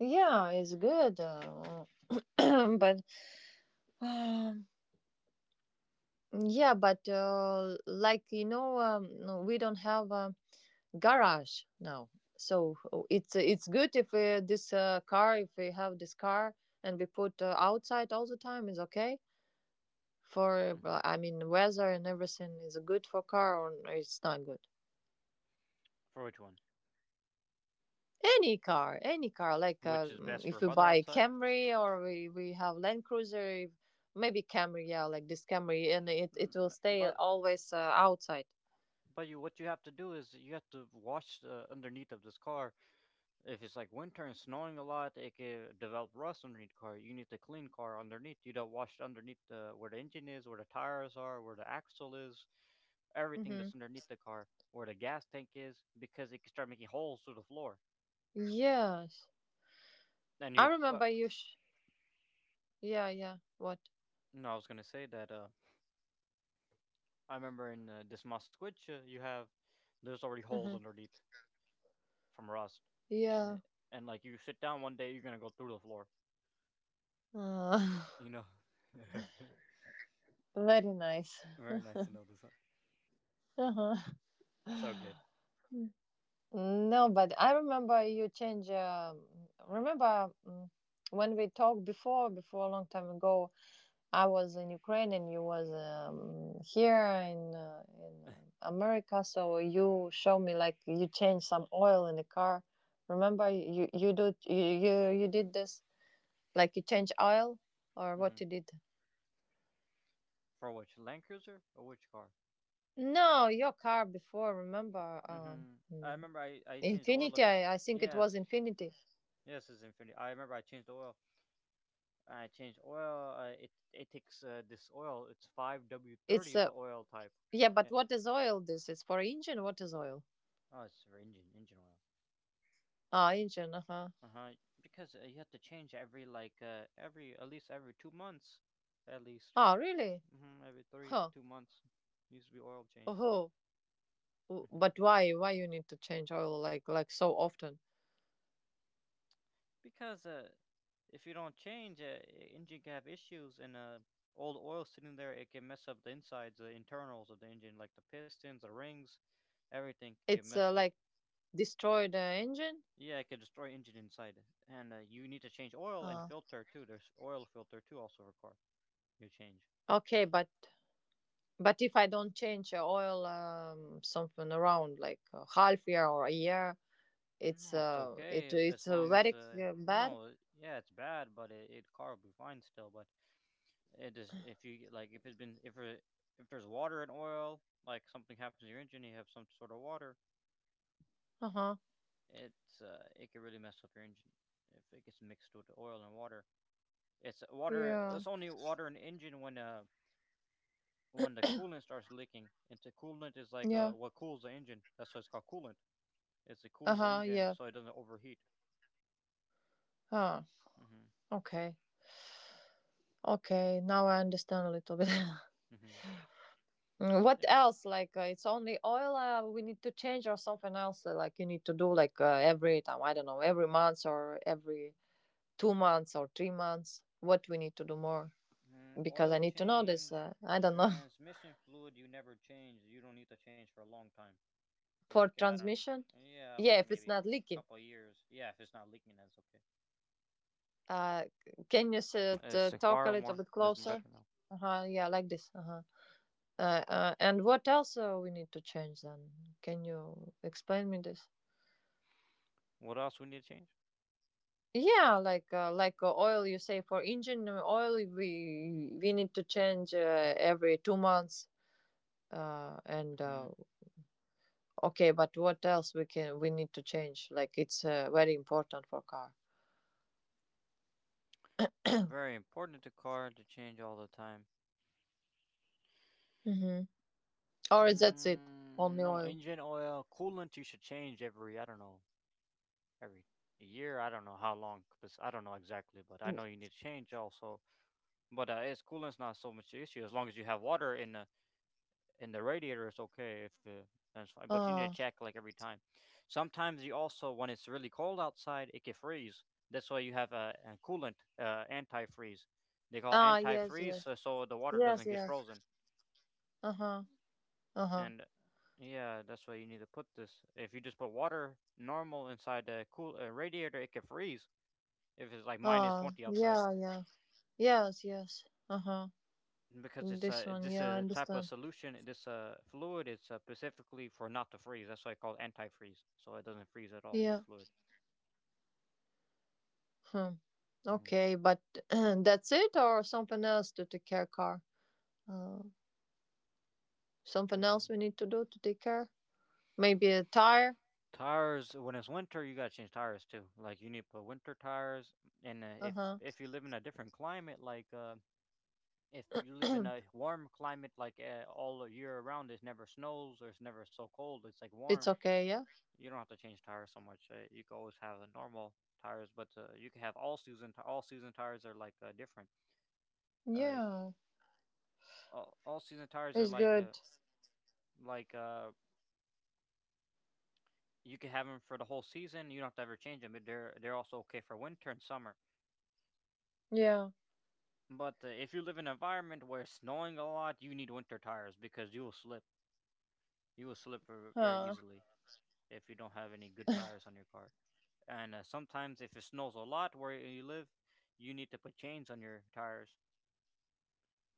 B: Yeah, it's good, but um, yeah, but like you know, no, we don't have a garage now, so it's good if this car, if we have this car and we put outside all the time, is okay for.
A: Hmm.
B: I mean, weather and everything is good for car or it's not good.
A: For which one?
B: Any car, any car. Like
A: Which is best for
B: if you
A: weather
B: buy
A: outside?
B: Camry, or we have Land Cruiser, if- maybe Camry, yeah, like this Camry, and it will
A: Mm,
B: stay
A: but
B: always outside.
A: but you what you have to do is you have to wash the underneath of this car. If it's like winter and snowing a lot, it could develop rust underneath car. You need to clean car underneath. You don't wash underneath the where the engine is, where the tires are, where the axle is, everything
B: Mm-hmm.
A: that's underneath the car, where the gas tank is, because it could start making holes through the floor.
B: Yes.
A: And
B: I remember you. Yeah, yeah. What?
A: no, I was gonna say that. I remember in this Moskvich there's already holes
B: Mm-hmm.
A: underneath from rust, Uh,
B: Yeah.
A: and like you sit down one day, you're gonna go through the floor.
B: Uh,
A: You know,
B: very nice.
A: very nice to know this. Huh?
B: Uh-huh.
A: So good.
B: No, but I remember you change. Remember when we talked before, before a long time ago, I was in Ukraine and you was here in America. So you show me like you change some oil in the car. Remember you did this like you change oil, or what
A: Hmm.
B: you did?
A: For which Land Cruiser or which car?
B: No, your car before. Remember
A: Mm-hmm. I
B: mm,
A: remember I changed the oil.
B: Infinity? I think it was
A: Yes,
B: Infinity.
A: yes, it's infinity. I remember I changed the oil. I changed oil. It takes this oil. It's five W
B: It's
A: thirty is the oil type.
B: yeah, but
A: Uh,
B: what is oil? This is for engine. What is oil?
A: oh, it's for engine oil.
B: Ah, engine. Uh huh.
A: Uh huh. Because you have to change every like every at least every 2 months, at least.
B: Ah, really?
A: Hmm. Every three to
B: Huh.
A: two months needs to be oil change.
B: Oh.
A: Hmm.
B: But why? Why you need to change oil like so often?
A: Because if you don't change, engine can have issues, and old oil sitting there, it can mess up the insides, the internals of the engine, like the pistons, the rings, everything can get
B: It's
A: messed up.
B: like destroy the engine.
A: Yeah, it could destroy engine inside, and you need to change oil and
B: Uh,
A: filter too. There's oil filter too, also required. You change.
B: okay, but if I don't change oil, something around like a half year or a year, it's
A: No, it's okay as
B: it's
A: long as
B: very bad.
A: no, yeah, it's bad, but it car will be fine still. But it just if you like if it's been if it, if there's water and oil, like something happens to your engine, you have some sort of water.
B: Uh huh.
A: It can really mess up your engine if it gets mixed with the oil and water. It's water.
B: Yeah.
A: It's only water in the engine when the coolant starts leaking. And the coolant is like
B: Yeah.
A: what cools the engine. That's why it's called coolant. It
B: Uh
A: cools the
B: huh.
A: engine
B: Yeah.
A: so it doesn't overheat.
B: Huh.
A: Mm-hmm.
B: Okay. Okay. Now I understand a little bit.
A: Mm-hmm.
B: What
A: Yeah.
B: else? Like it's only oil we need to change, or something else like you need to do like every time, I don't know, every month or every 2 months or 3 months, what we need to do more, because I
A: Oil
B: need to know this,
A: change,
B: I don't know.
A: transmission fluid you never change. You don't need to change for a long time.
B: For
A: Like I don't
B: transmission,
A: know. Yeah,
B: yeah,
A: like
B: if it's
A: maybe
B: not
A: a
B: leaking.
A: couple of years. Yeah, if it's not leaking, then it's okay.
B: uh can you
A: It's like
B: talk a
A: far
B: little
A: more.
B: bit
A: It's
B: closer?
A: better now.
B: Uh-huh, yeah, like this. Uh-huh. And what else we need to change then? Can you explain me this?
A: What else we need to change?
B: Yeah, like oil, you say, for engine oil, we need to change every 2 months. And
A: hmm
B: okay, but what else we can, we need to change? Like it's very important for car.
A: Very important to car to change all the time.
B: Mm-hmm. Or that's it, only
A: No,
B: oil.
A: engine oil, coolant you should change every, I don't know, every year. I don't know how long, because I don't know exactly, but I
B: Mm.
A: know you need to change also. But it's coolant's not so much an issue as long as you have water in the and the radiator is okay if the that's fine. But you need to
B: Ah,
A: check like every time. Sometimes you also when it's really cold outside, it can freeze. That's why you have a coolant, antifreeze. They call it
B: ah, yes,
A: antifreeze,
B: yes,
A: so, so the water
B: yes,
A: doesn't get
B: yes.
A: frozen.
B: Uh huh, uh huh.
A: And yeah, that's why you need to put this. If you just put water normal inside the cool radiator, it can freeze if it's like minus
B: Ah,
A: -20 outside.
B: yeah, yeah, yes, yes. Uh huh.
A: Because it's
B: This
A: a
B: one,
A: this
B: yeah,
A: is
B: I
A: a type of
B: understand.
A: solution. This fluid it's specifically for not to freeze. That's why I call it antifreeze. So it doesn't freeze at all. This
B: Yeah.
A: fluid.
B: Hmm.
A: hmm
B: Okay, but that's it, or something else to take care car? Uh, Something else
A: hmm
B: we need to do to take care? Maybe a tire?
A: Tires when it's winter, you gotta change tires too. Like you need to put winter tires. And if
B: Uh
A: if you live in a different climate, like if you live in
B: huh.
A: a warm climate, like all year around, it never snows or it's never so cold. It's like warm.
B: It's okay, yeah?
A: You don't have to change tires so much. You can always have a normal tires, but you can have all season. All season tires are like different. Like
B: Yeah,
A: all season tires are
B: it's
A: like
B: good.
A: like uh you can have them for the whole season. You don't have to ever change them. But they're also okay for winter and summer.
B: Yeah.
A: But if you live in an environment where it's snowing a lot, you need winter tires because you will slip. You will slip very
B: Huh.
A: easily if you don't have any good tires on your car. And sometimes if it snows a lot where you live, you need to put chains on your tires.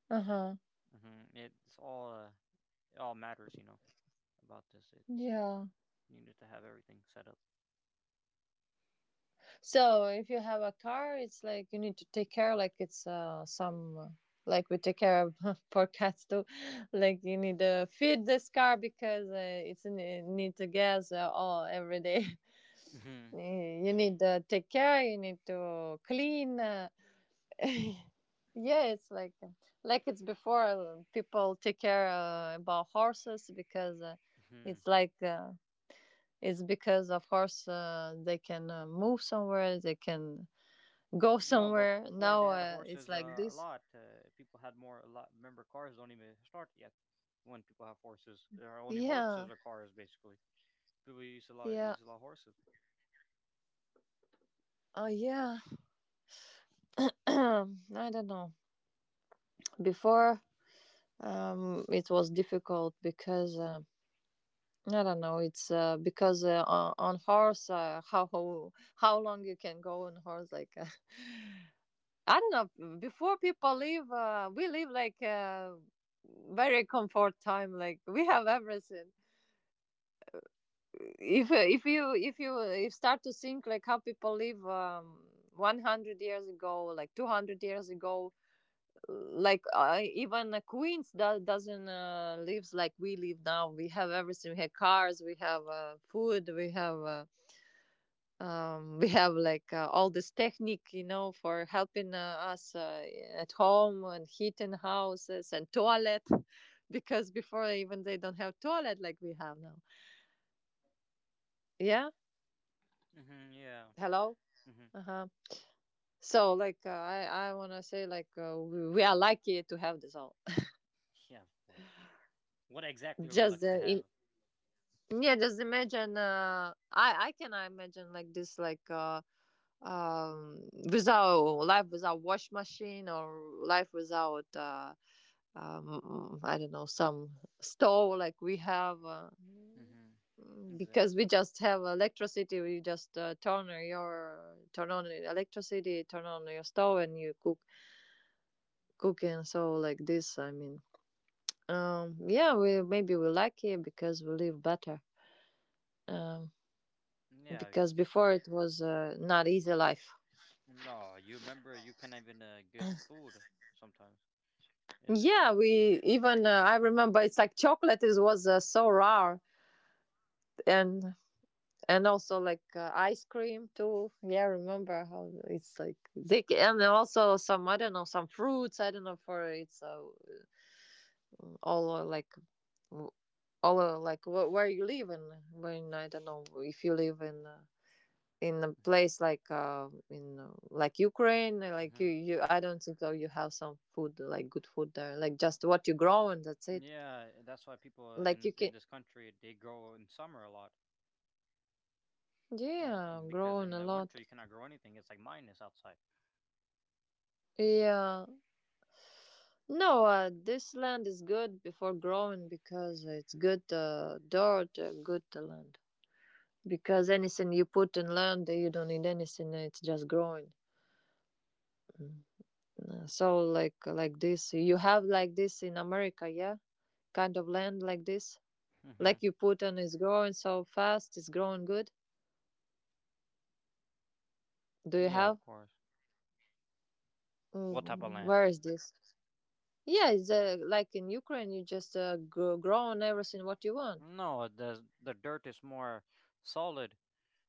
B: Uh huh.
A: hmm It's all uh, it all matters, you know, about this. It's
B: Yeah.
A: You need to have everything set up.
B: So if you have a car, it's like you need to take care, like it's like we take care of for cats too. Like you need to feed this car because it needs a gas all every day. Eh, you need to take care. You need to clean. Yeah, it's like it's before people take care about horses because
A: hmm
B: it's like uh, it's because of horse they can move somewhere, they can go
A: No, but
B: somewhere.
A: before they
B: Now
A: had
B: it's
A: horses
B: like
A: a
B: this.
A: lot. People had more a lot. Remember, cars don't even start yet when people have horses. There are only horses
B: Yeah,
A: or cars basically. People
B: yeah,
A: use a lot of horses.
B: oh yeah. I don't know. Before it was difficult because. I don't know. It's because on horse, uh, how long you can go on horse? Like I don't know. Before people live, we live like very comfort time. Like we have everything. If you if you if start to think like how people live 100 years ago, like 200 years ago, like even Queens doesn't lives like we live now. We have everything. We have cars. We have food. We have. We have like all this technique, you know, for helping us at home, and heating houses and toilet, because before even they don't have toilet like we have now, yeah.
A: Yeah.
B: Hello.
A: hmm
B: Uh-huh. So like I want to say like we are lucky to have this all,
A: Yeah, of course. What exactly are we
B: just
A: lucky to have?
B: in yeah, just imagine I can imagine like this, like um without life without wash machine, or life without I don't know, some stove like we have,
A: hmm
B: because
A: Exactly.
B: we just have electricity. We just turn on the electricity, turn on your stove, and you cooking. So like this, I mean, yeah, we maybe we're lucky because we live better. Um,
A: Yeah,
B: because
A: because
B: before it was not easy life.
A: no, you remember you can't even get food sometimes. It's just
B: Yeah,
A: like.
B: we even I remember it's like chocolate is was so rare, and and also like ice cream too. Yeah, I remember how it's like they and then also some, I don't know, some fruits. I don't know for it's all like w- all like wh- where you live in when I don't know if you live in. In a place like in like Ukraine, like I don't think so. You have some food like good food there, like just what you grow and that's it.
A: Yeah, that's why people
B: Like you
A: in
B: can,
A: in this country they grow in summer a lot,
B: yeah,
A: because
B: grown
A: in
B: a
A: the
B: lot.
A: winter you cannot grow anything. It's like minus outside.
B: Yeah, no, this land is good before growing because it's good dirt, good land. Because anything you put in land, you don't need anything; it's just growing. So like this, you have like this in America, yeah, kind of land like this, like
A: hmm
B: you put and it's growing so fast, it's growing good. Do you
A: Yeah,
B: have?
A: of course. What type of
B: Mm,
A: land?
B: where is this? Yeah, it's like in Ukraine, you just grow on everything what you want.
A: No, the dirt is more solid.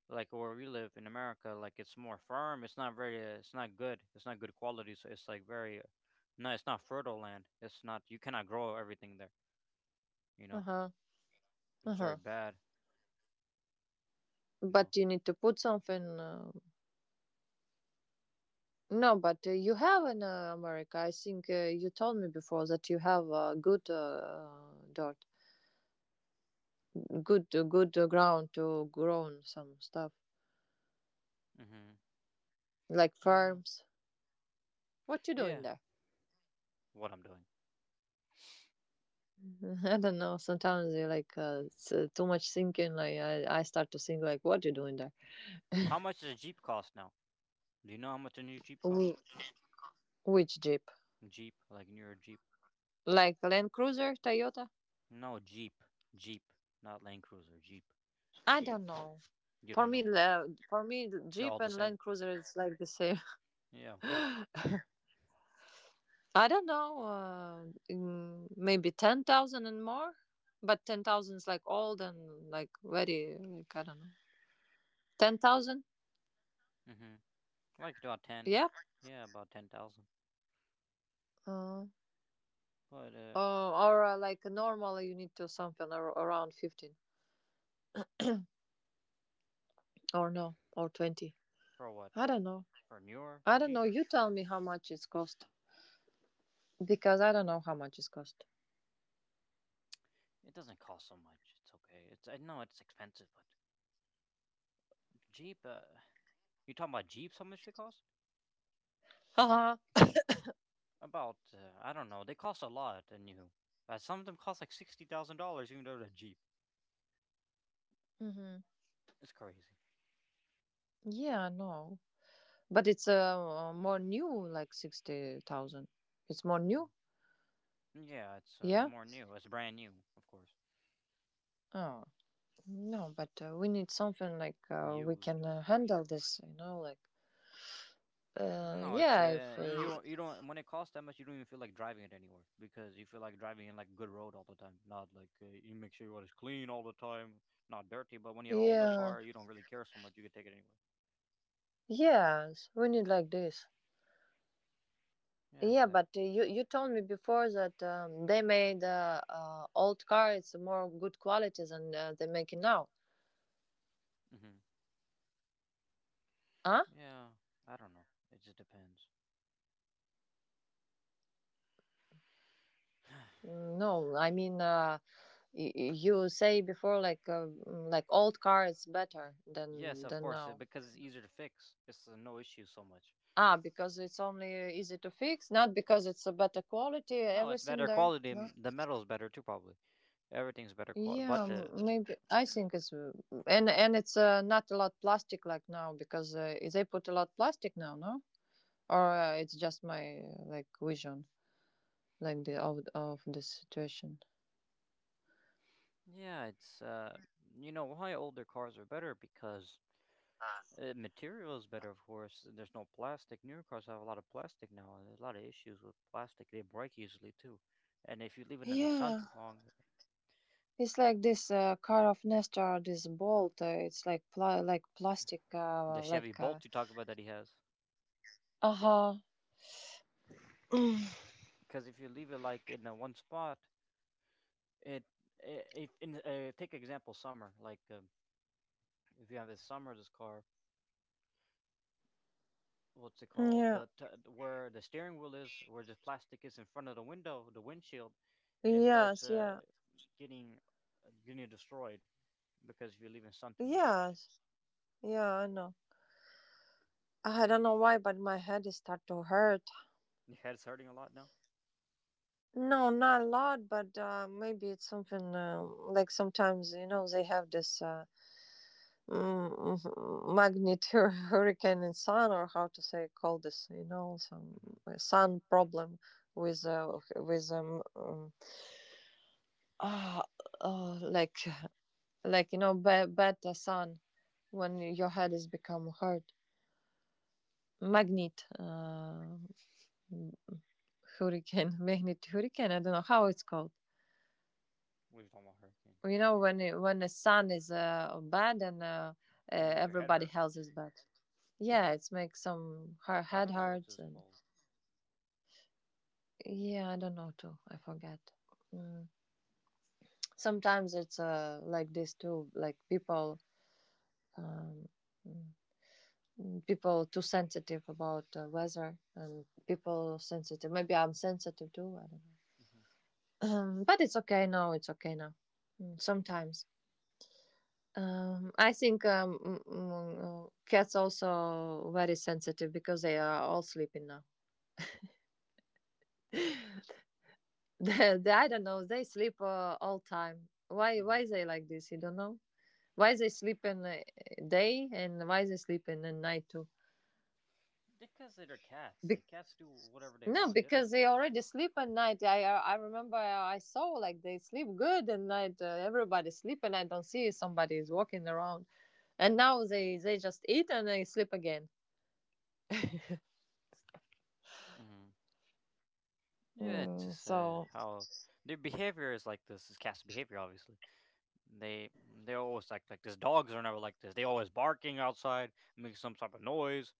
A: Like where we live in America, like it's more firm. It's not very. It's not good. It's not good quality. So it's like very. No, it's not fertile land. It's not. You cannot grow everything there. You
B: Uh
A: know,
B: huh. Uh
A: it's
B: huh.
A: very bad. You
B: But
A: know.
B: you need to put something No, but you have in America. I think you told me before that you have good dirt, good ground to grow some stuff
A: hmm
B: like
A: Yeah.
B: farms. What you doing
A: Yeah.
B: there?
A: What I'm doing.
B: I don't know. Sometimes you like it's, too much thinking. Like I start to think like, what you doing there?
A: How much does a jeep cost now? Do you know how much a new Jeep costs?
B: Wh- Which jeep?
A: Jeep, like newer Jeep?
B: Like Land Cruiser, Toyota?
A: No, Jeep. Jeep. Not Land Cruiser. Jeep.
B: I don't know.
A: You
B: For
A: don't know?
B: me, la- for me,
A: They're
B: Jeep
A: all the
B: and
A: same.
B: Land Cruiser is like the same.
A: Yeah, of course.
B: I don't know, maybe 10,000 and more, but 10,000 is like old and like very, like, I don't know. 10,000?
A: hmm Like about 10.
B: Yeah.
A: Yeah, about 10,000.
B: Uh,
A: But
B: or Like normally you need to something around 15 or no, or 20.
A: for what?
B: I don't know.
A: For a newer
B: I don't know.
A: Jeep?
B: You tell me how much it's cost because I don't know how much it's cost.
A: It doesn't cost so much. It's okay. It's I know it's expensive, but Jeep, You talking about Jeeps, how much they cost?
B: Uh-huh.
A: About, I don't know. They cost a lot, and you... But some of them cost like $60,000 even though they're Jeep.
B: Mm-hmm.
A: It's crazy.
B: Yeah, I know. But it's more new, like 60,000. It's more new?
A: hmm Yeah, it's
B: Yeah?
A: more new. It's brand new, of course.
B: Oh. No, but we need something like we
A: Used.
B: can handle this, you know, like
A: No, it's
B: yeah, if
A: and you don't, you don't when it costs that much, you don't even feel like driving it anywhere because you feel like driving in like good road all the time, not like you make sure your it's clean all the time, not dirty. But when you have an older
B: yeah,
A: car, you don't really care so much. You can take it anywhere.
B: yes, we need like this.
A: Yeah,
B: Yeah, but
A: exactly.
B: you told me before that they made old car. It's more good quality than they make it now.
A: hmm
B: Huh?
A: Yeah, I don't know. It just depends.
B: No, I mean you say before like like old car is better
A: Yes,
B: than
A: of course,
B: now.
A: because it's easier to fix. It's No issue so much.
B: Ah, because it's only easy to fix, not because it's a better quality.
A: No, it's
B: Everything
A: better
B: there.
A: quality.
B: No.
A: The metal's better too, probably. Everything's better quality,
B: Yeah,
A: but
B: maybe I think it's and it's not a lot plastic like now because they put a lot plastic now, no? Or it's just my like vision, like the of the situation.
A: Yeah, it's you know why older cars are better because material is better, of course. And there's no plastic. Newer cars have a lot of plastic now. And there's a lot of issues with plastic. They break easily too, and if you leave it in the sun
B: Yeah,
A: too long,
B: it's like this car of Nestor, this bolt. It's like like plastic,
A: the Chevy
B: like uh
A: Bolt you talk about that he has,
B: huh.
A: because if you leave it like in one spot, it, I if in take example summer, like if you have this summer this car. What's it called?
B: Yeah.
A: The where the steering wheel is, where the plastic is in front of the window, the windshield, it starts
B: Yes. Yeah.
A: getting getting destroyed because if you're leaving sun too much.
B: Yes. Yeah. I know. I don't know why, but my head is start to hurt.
A: Your head's hurting a lot now.
B: No, not a lot, but maybe it's something like sometimes you know they have this mhm, magnet hurricane and sun, or how to say call this, you know, some
A: Mm-hmm.
B: sun problem with uh, like you know bad sun when your head is become hard magnet hurricane. Magnet hurricane. I don't know how it's called.
A: We were talking about hurricane.
B: Well, when when the sun is bad and
A: It makes your head
B: everybody
A: hurt.
B: else is bad. Yeah, it's makes some her
A: I
B: head
A: don't know what this
B: hurts,
A: is
B: and
A: called.
B: yeah, I don't know too. I forget. Mm. Sometimes it's like this too. Like um, mm, people too sensitive about weather and people sensitive. Maybe I'm sensitive too. I don't know.
A: Mm-hmm.
B: But it's okay now. It's okay now. Sometimes. I think cats also very sensitive because they are all sleeping now. I don't know. They sleep all time. Why?
A: Mm-hmm.
B: Why they like this? You don't know. Why they sleep in day, and why they sleep in the night too?
A: Because they're cats.
B: Be-
A: Cats do whatever they
B: no,
A: want. They don't
B: because they
A: care.
B: already sleep at night. I remember I saw like they sleep good at night. Everybody sleep and I don't see somebody is walking around. And now they just eat and they sleep again.
A: Mm-hmm. Yeah, it's
B: Mm,
A: just
B: so
A: how their behavior is like this. Is cats' behavior, obviously. They always like this. Dogs are never like this. They always barking outside, making some type of noise.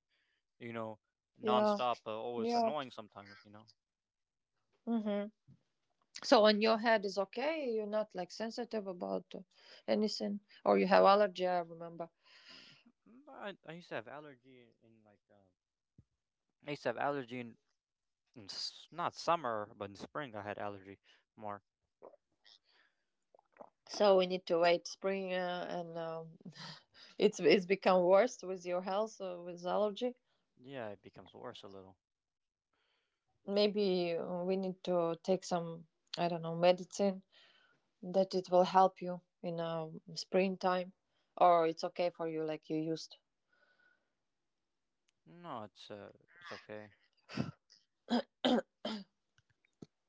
A: You know,
B: yeah.
A: nonstop, always
B: Yeah.
A: annoying sometimes. You know,
B: Mhm. So on your head is okay. You're not like sensitive about anything, or you have
A: no,
B: allergy. I remember.
A: I used to have allergy in like I used to have allergy in not summer but in spring I had allergy more.
B: So we need to wait spring, and it's become worse with your health with allergy.
A: Yeah, it becomes worse a little.
B: Maybe we need to take some I don't know medicine that it will help you in springtime, or it's okay for you like you used.
A: No, it's okay.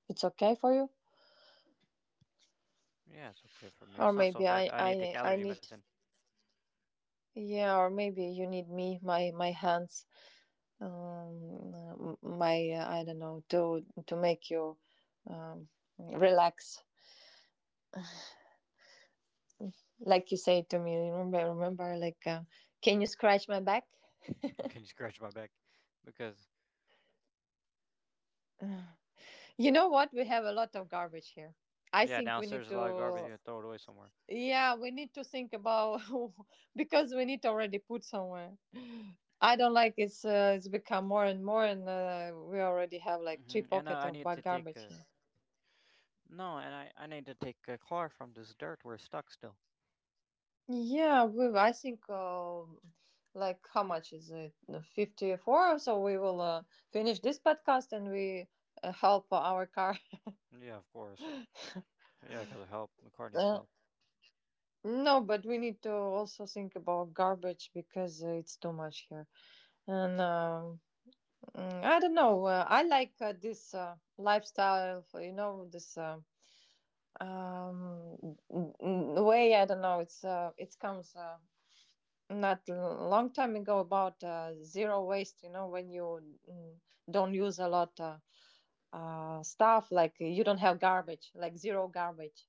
B: It's okay for you,
A: Yeah, it's okay for me. It's
B: or
A: not so
B: maybe
A: bad.
B: I
A: I need to take
B: I I
A: allergy
B: need
A: medicine.
B: yeah, or maybe you need me my hands my I don't know to make you um, relax. Like you say to me, remember, remember, like, can you scratch my back?
A: Can you scratch my back? Because
B: You know what? We have a lot of garbage here. I
A: yeah,
B: think we
A: downstairs
B: need
A: there's a lot of garbage.
B: to,
A: You gotta throw it away somewhere.
B: yeah, we need to think about. Because we need to already put somewhere. I don't like it's become more and more, and we already have like three
A: Hmm And
B: pocket
A: I
B: of
A: need to take
B: garbage here.
A: no, and I need to take a car from this dirt where it's stuck still.
B: Yeah, we I think like how much is it? 54. So we will finish this podcast and we help our car.
A: Yeah, of course. Yeah, because of help. The car needs
B: Uh,
A: help.
B: no, but we need to also think about garbage because it's too much here. And um I don't know. I like this lifestyle. You know this. Way I don't know it's it comes not long time ago about zero waste, you know, when you don't use a lot stuff, like you don't have garbage, like zero garbage.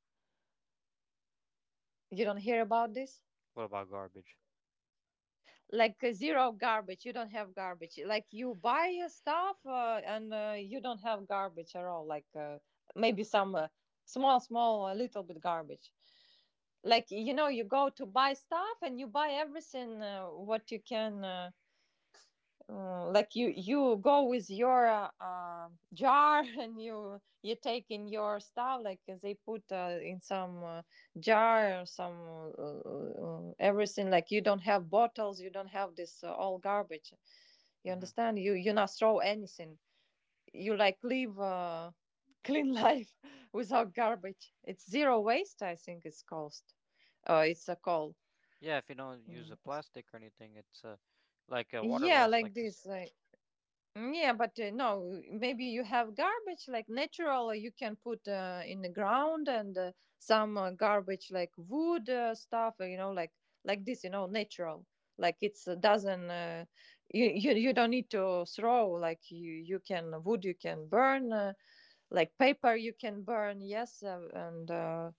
B: You don't hear about this?
A: What about garbage?
B: Like zero garbage, you don't have garbage. Like you buy stuff and you don't have garbage at all. Like maybe some small, small, a little bit garbage. Like you know, you go to buy stuff and you buy everything what you can. Like you go with your jar and you take in your stuff like they put in some jar or some everything like you don't have bottles, you don't have this all garbage. You
A: Mhm.
B: understand you not throw anything. You like live clean life without garbage. It's zero waste. I think it's cost it's a call.
A: Yeah, if you don't use a
B: Mm.
A: plastic or anything, it's like water
B: Yeah,
A: bottles
B: like
A: like this.
B: this like. Yeah, but no, maybe you have garbage like natural. You can put in the ground, and some garbage like wood stuff, you know, like this, you know, natural. Like it's doesn't you don't need to throw. Like you can wood you can burn like paper you can burn, yes, uh, and uh,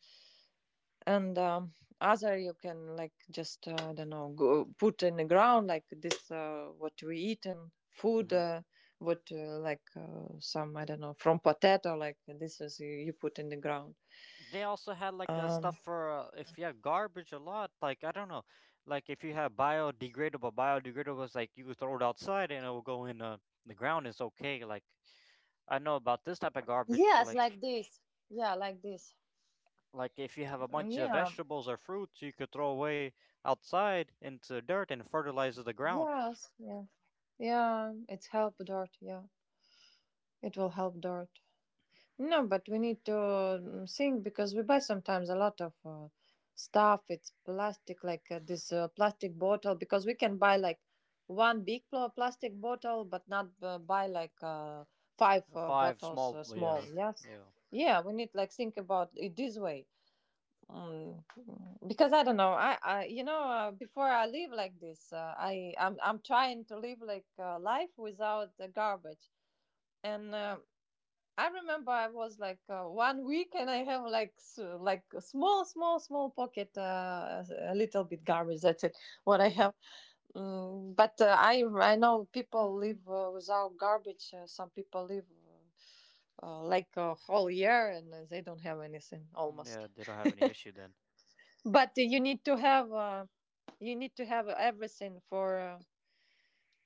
B: and um, other you can like just I don't know go, put in the ground like this what we eat and food
A: hmm
B: what like some I don't know from potato like this is you put in the ground.
A: They also had like
B: Um,
A: stuff for if you have garbage a lot, like I don't know, like if you have biodegradable, biodegradable is like you could throw it outside and it will go in the ground. It's okay. Like I know about this type of garbage,
B: yes, like this. Yeah, like this.
A: like if you have a bunch of
B: Yeah.
A: vegetables or fruits, you could throw away outside into dirt and fertilizes the ground.
B: Yes. Yeah. Yeah. It's help dirt. Yeah, it will help dirt. No, but we need to think because we buy sometimes a lot of stuff. It's plastic, like this plastic bottle, because we can buy like one big plastic bottle, but not buy like five
A: Five
B: bottles
A: small,
B: small. Yes.
A: yeah,
B: Yeah, we need like think about it this way. Mm, because I don't know. I you know, before I live like this, I'm trying to live like life without garbage and. I remember I was like 1 week and I have like like a small pocket a little bit garbage. That's it what I have. Mm, but I know people live without garbage. Some people live like a whole year, and they don't have anything almost.
A: yeah. They don't have any issue then.
B: But you need to have everything for uh,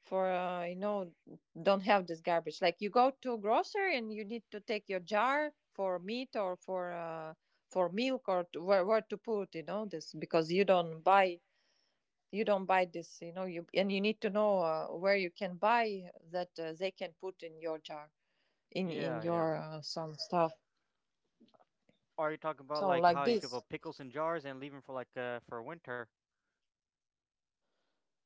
B: for uh, you know don't have this garbage. Like you go to grocery and you need to take your jar for meat or for milk or to, where to put you know this because you don't buy this, you know, you, and you need to know where you can buy that they can put in your jar, in
A: Yeah, yeah.
B: your some stuff.
A: Are you talking about
B: So
A: like
B: like
A: how you
B: this,
A: could put pickles in jars and leave them for like for winter?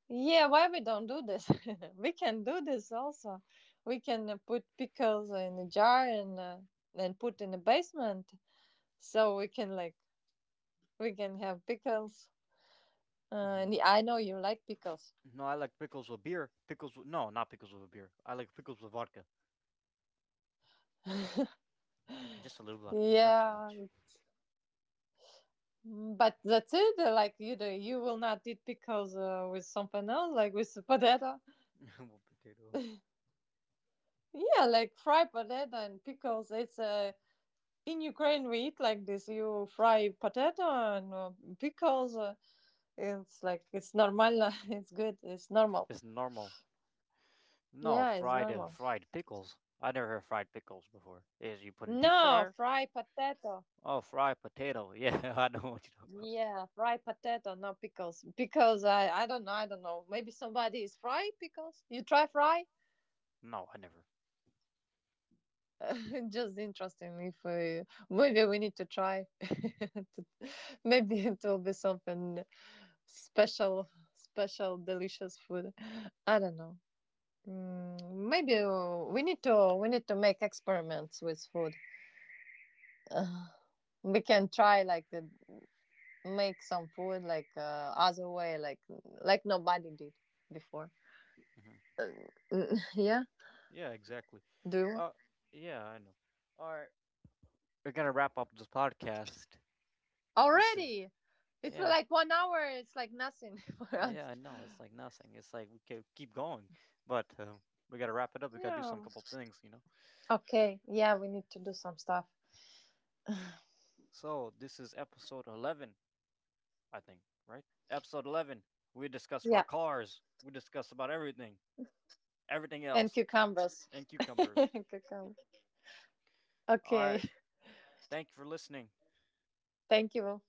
B: yeah, why we don't do this? We can do this also. We can put pickles in a jar, and put in the basement. So we can, we can have pickles. And
A: Mhm.
B: I know you like pickles.
A: No, I like pickles with beer. Pickles with, no, not pickles with beer. I like pickles with vodka. Just a little vodka, not so
B: Yeah,
A: much.
B: but that's it. Like you do, you will not eat pickles with something else, like with the potato.
A: With potato.
B: Yeah, like fried potato and pickles. It's in Ukraine we eat like this. You fry potato and pickles. It's like it's normal. It's good. It's normal.
A: It's normal. No,
B: Yeah, it's
A: fried
B: normal.
A: fried pickles. I never heard fried pickles before. Is you put in deep
B: No,
A: fryer?
B: fry potato.
A: Oh, fried potato. Yeah, I know what you talk about.
B: Yeah, fried potato, not pickles. Because I don't know, Maybe somebody is fry pickles. You try fry?
A: No, I never.
B: Just interesting. If we, Maybe we need to try. Maybe it will be something special, special, delicious food. I don't know. Maybe we need to make experiments with food. Uh, we can try like make some food like other way like nobody did before.
A: hmm
B: Mm. Yeah.
A: Yeah, exactly.
B: Do
A: Uh, yeah, I know. All right, we're gonna wrap up this podcast. This is
B: already. It's
A: yeah.
B: like 1 hour. It's like nothing for
A: Yeah,
B: us.
A: I know. It's like nothing. It's like we can keep going, but we gotta wrap it up. We gotta do some
B: Yeah.
A: couple things, you know.
B: Okay. Yeah, we need to do some stuff.
A: So this is episode 11, I think, right? Episode 11. We discussed about
B: Yeah,
A: cars. We discussed about everything, everything
B: and
A: else,
B: cucumbers.
A: and cucumbers.
B: Cucumber.
A: All right.
B: Okay.
A: Thank you for listening.
B: Thank you.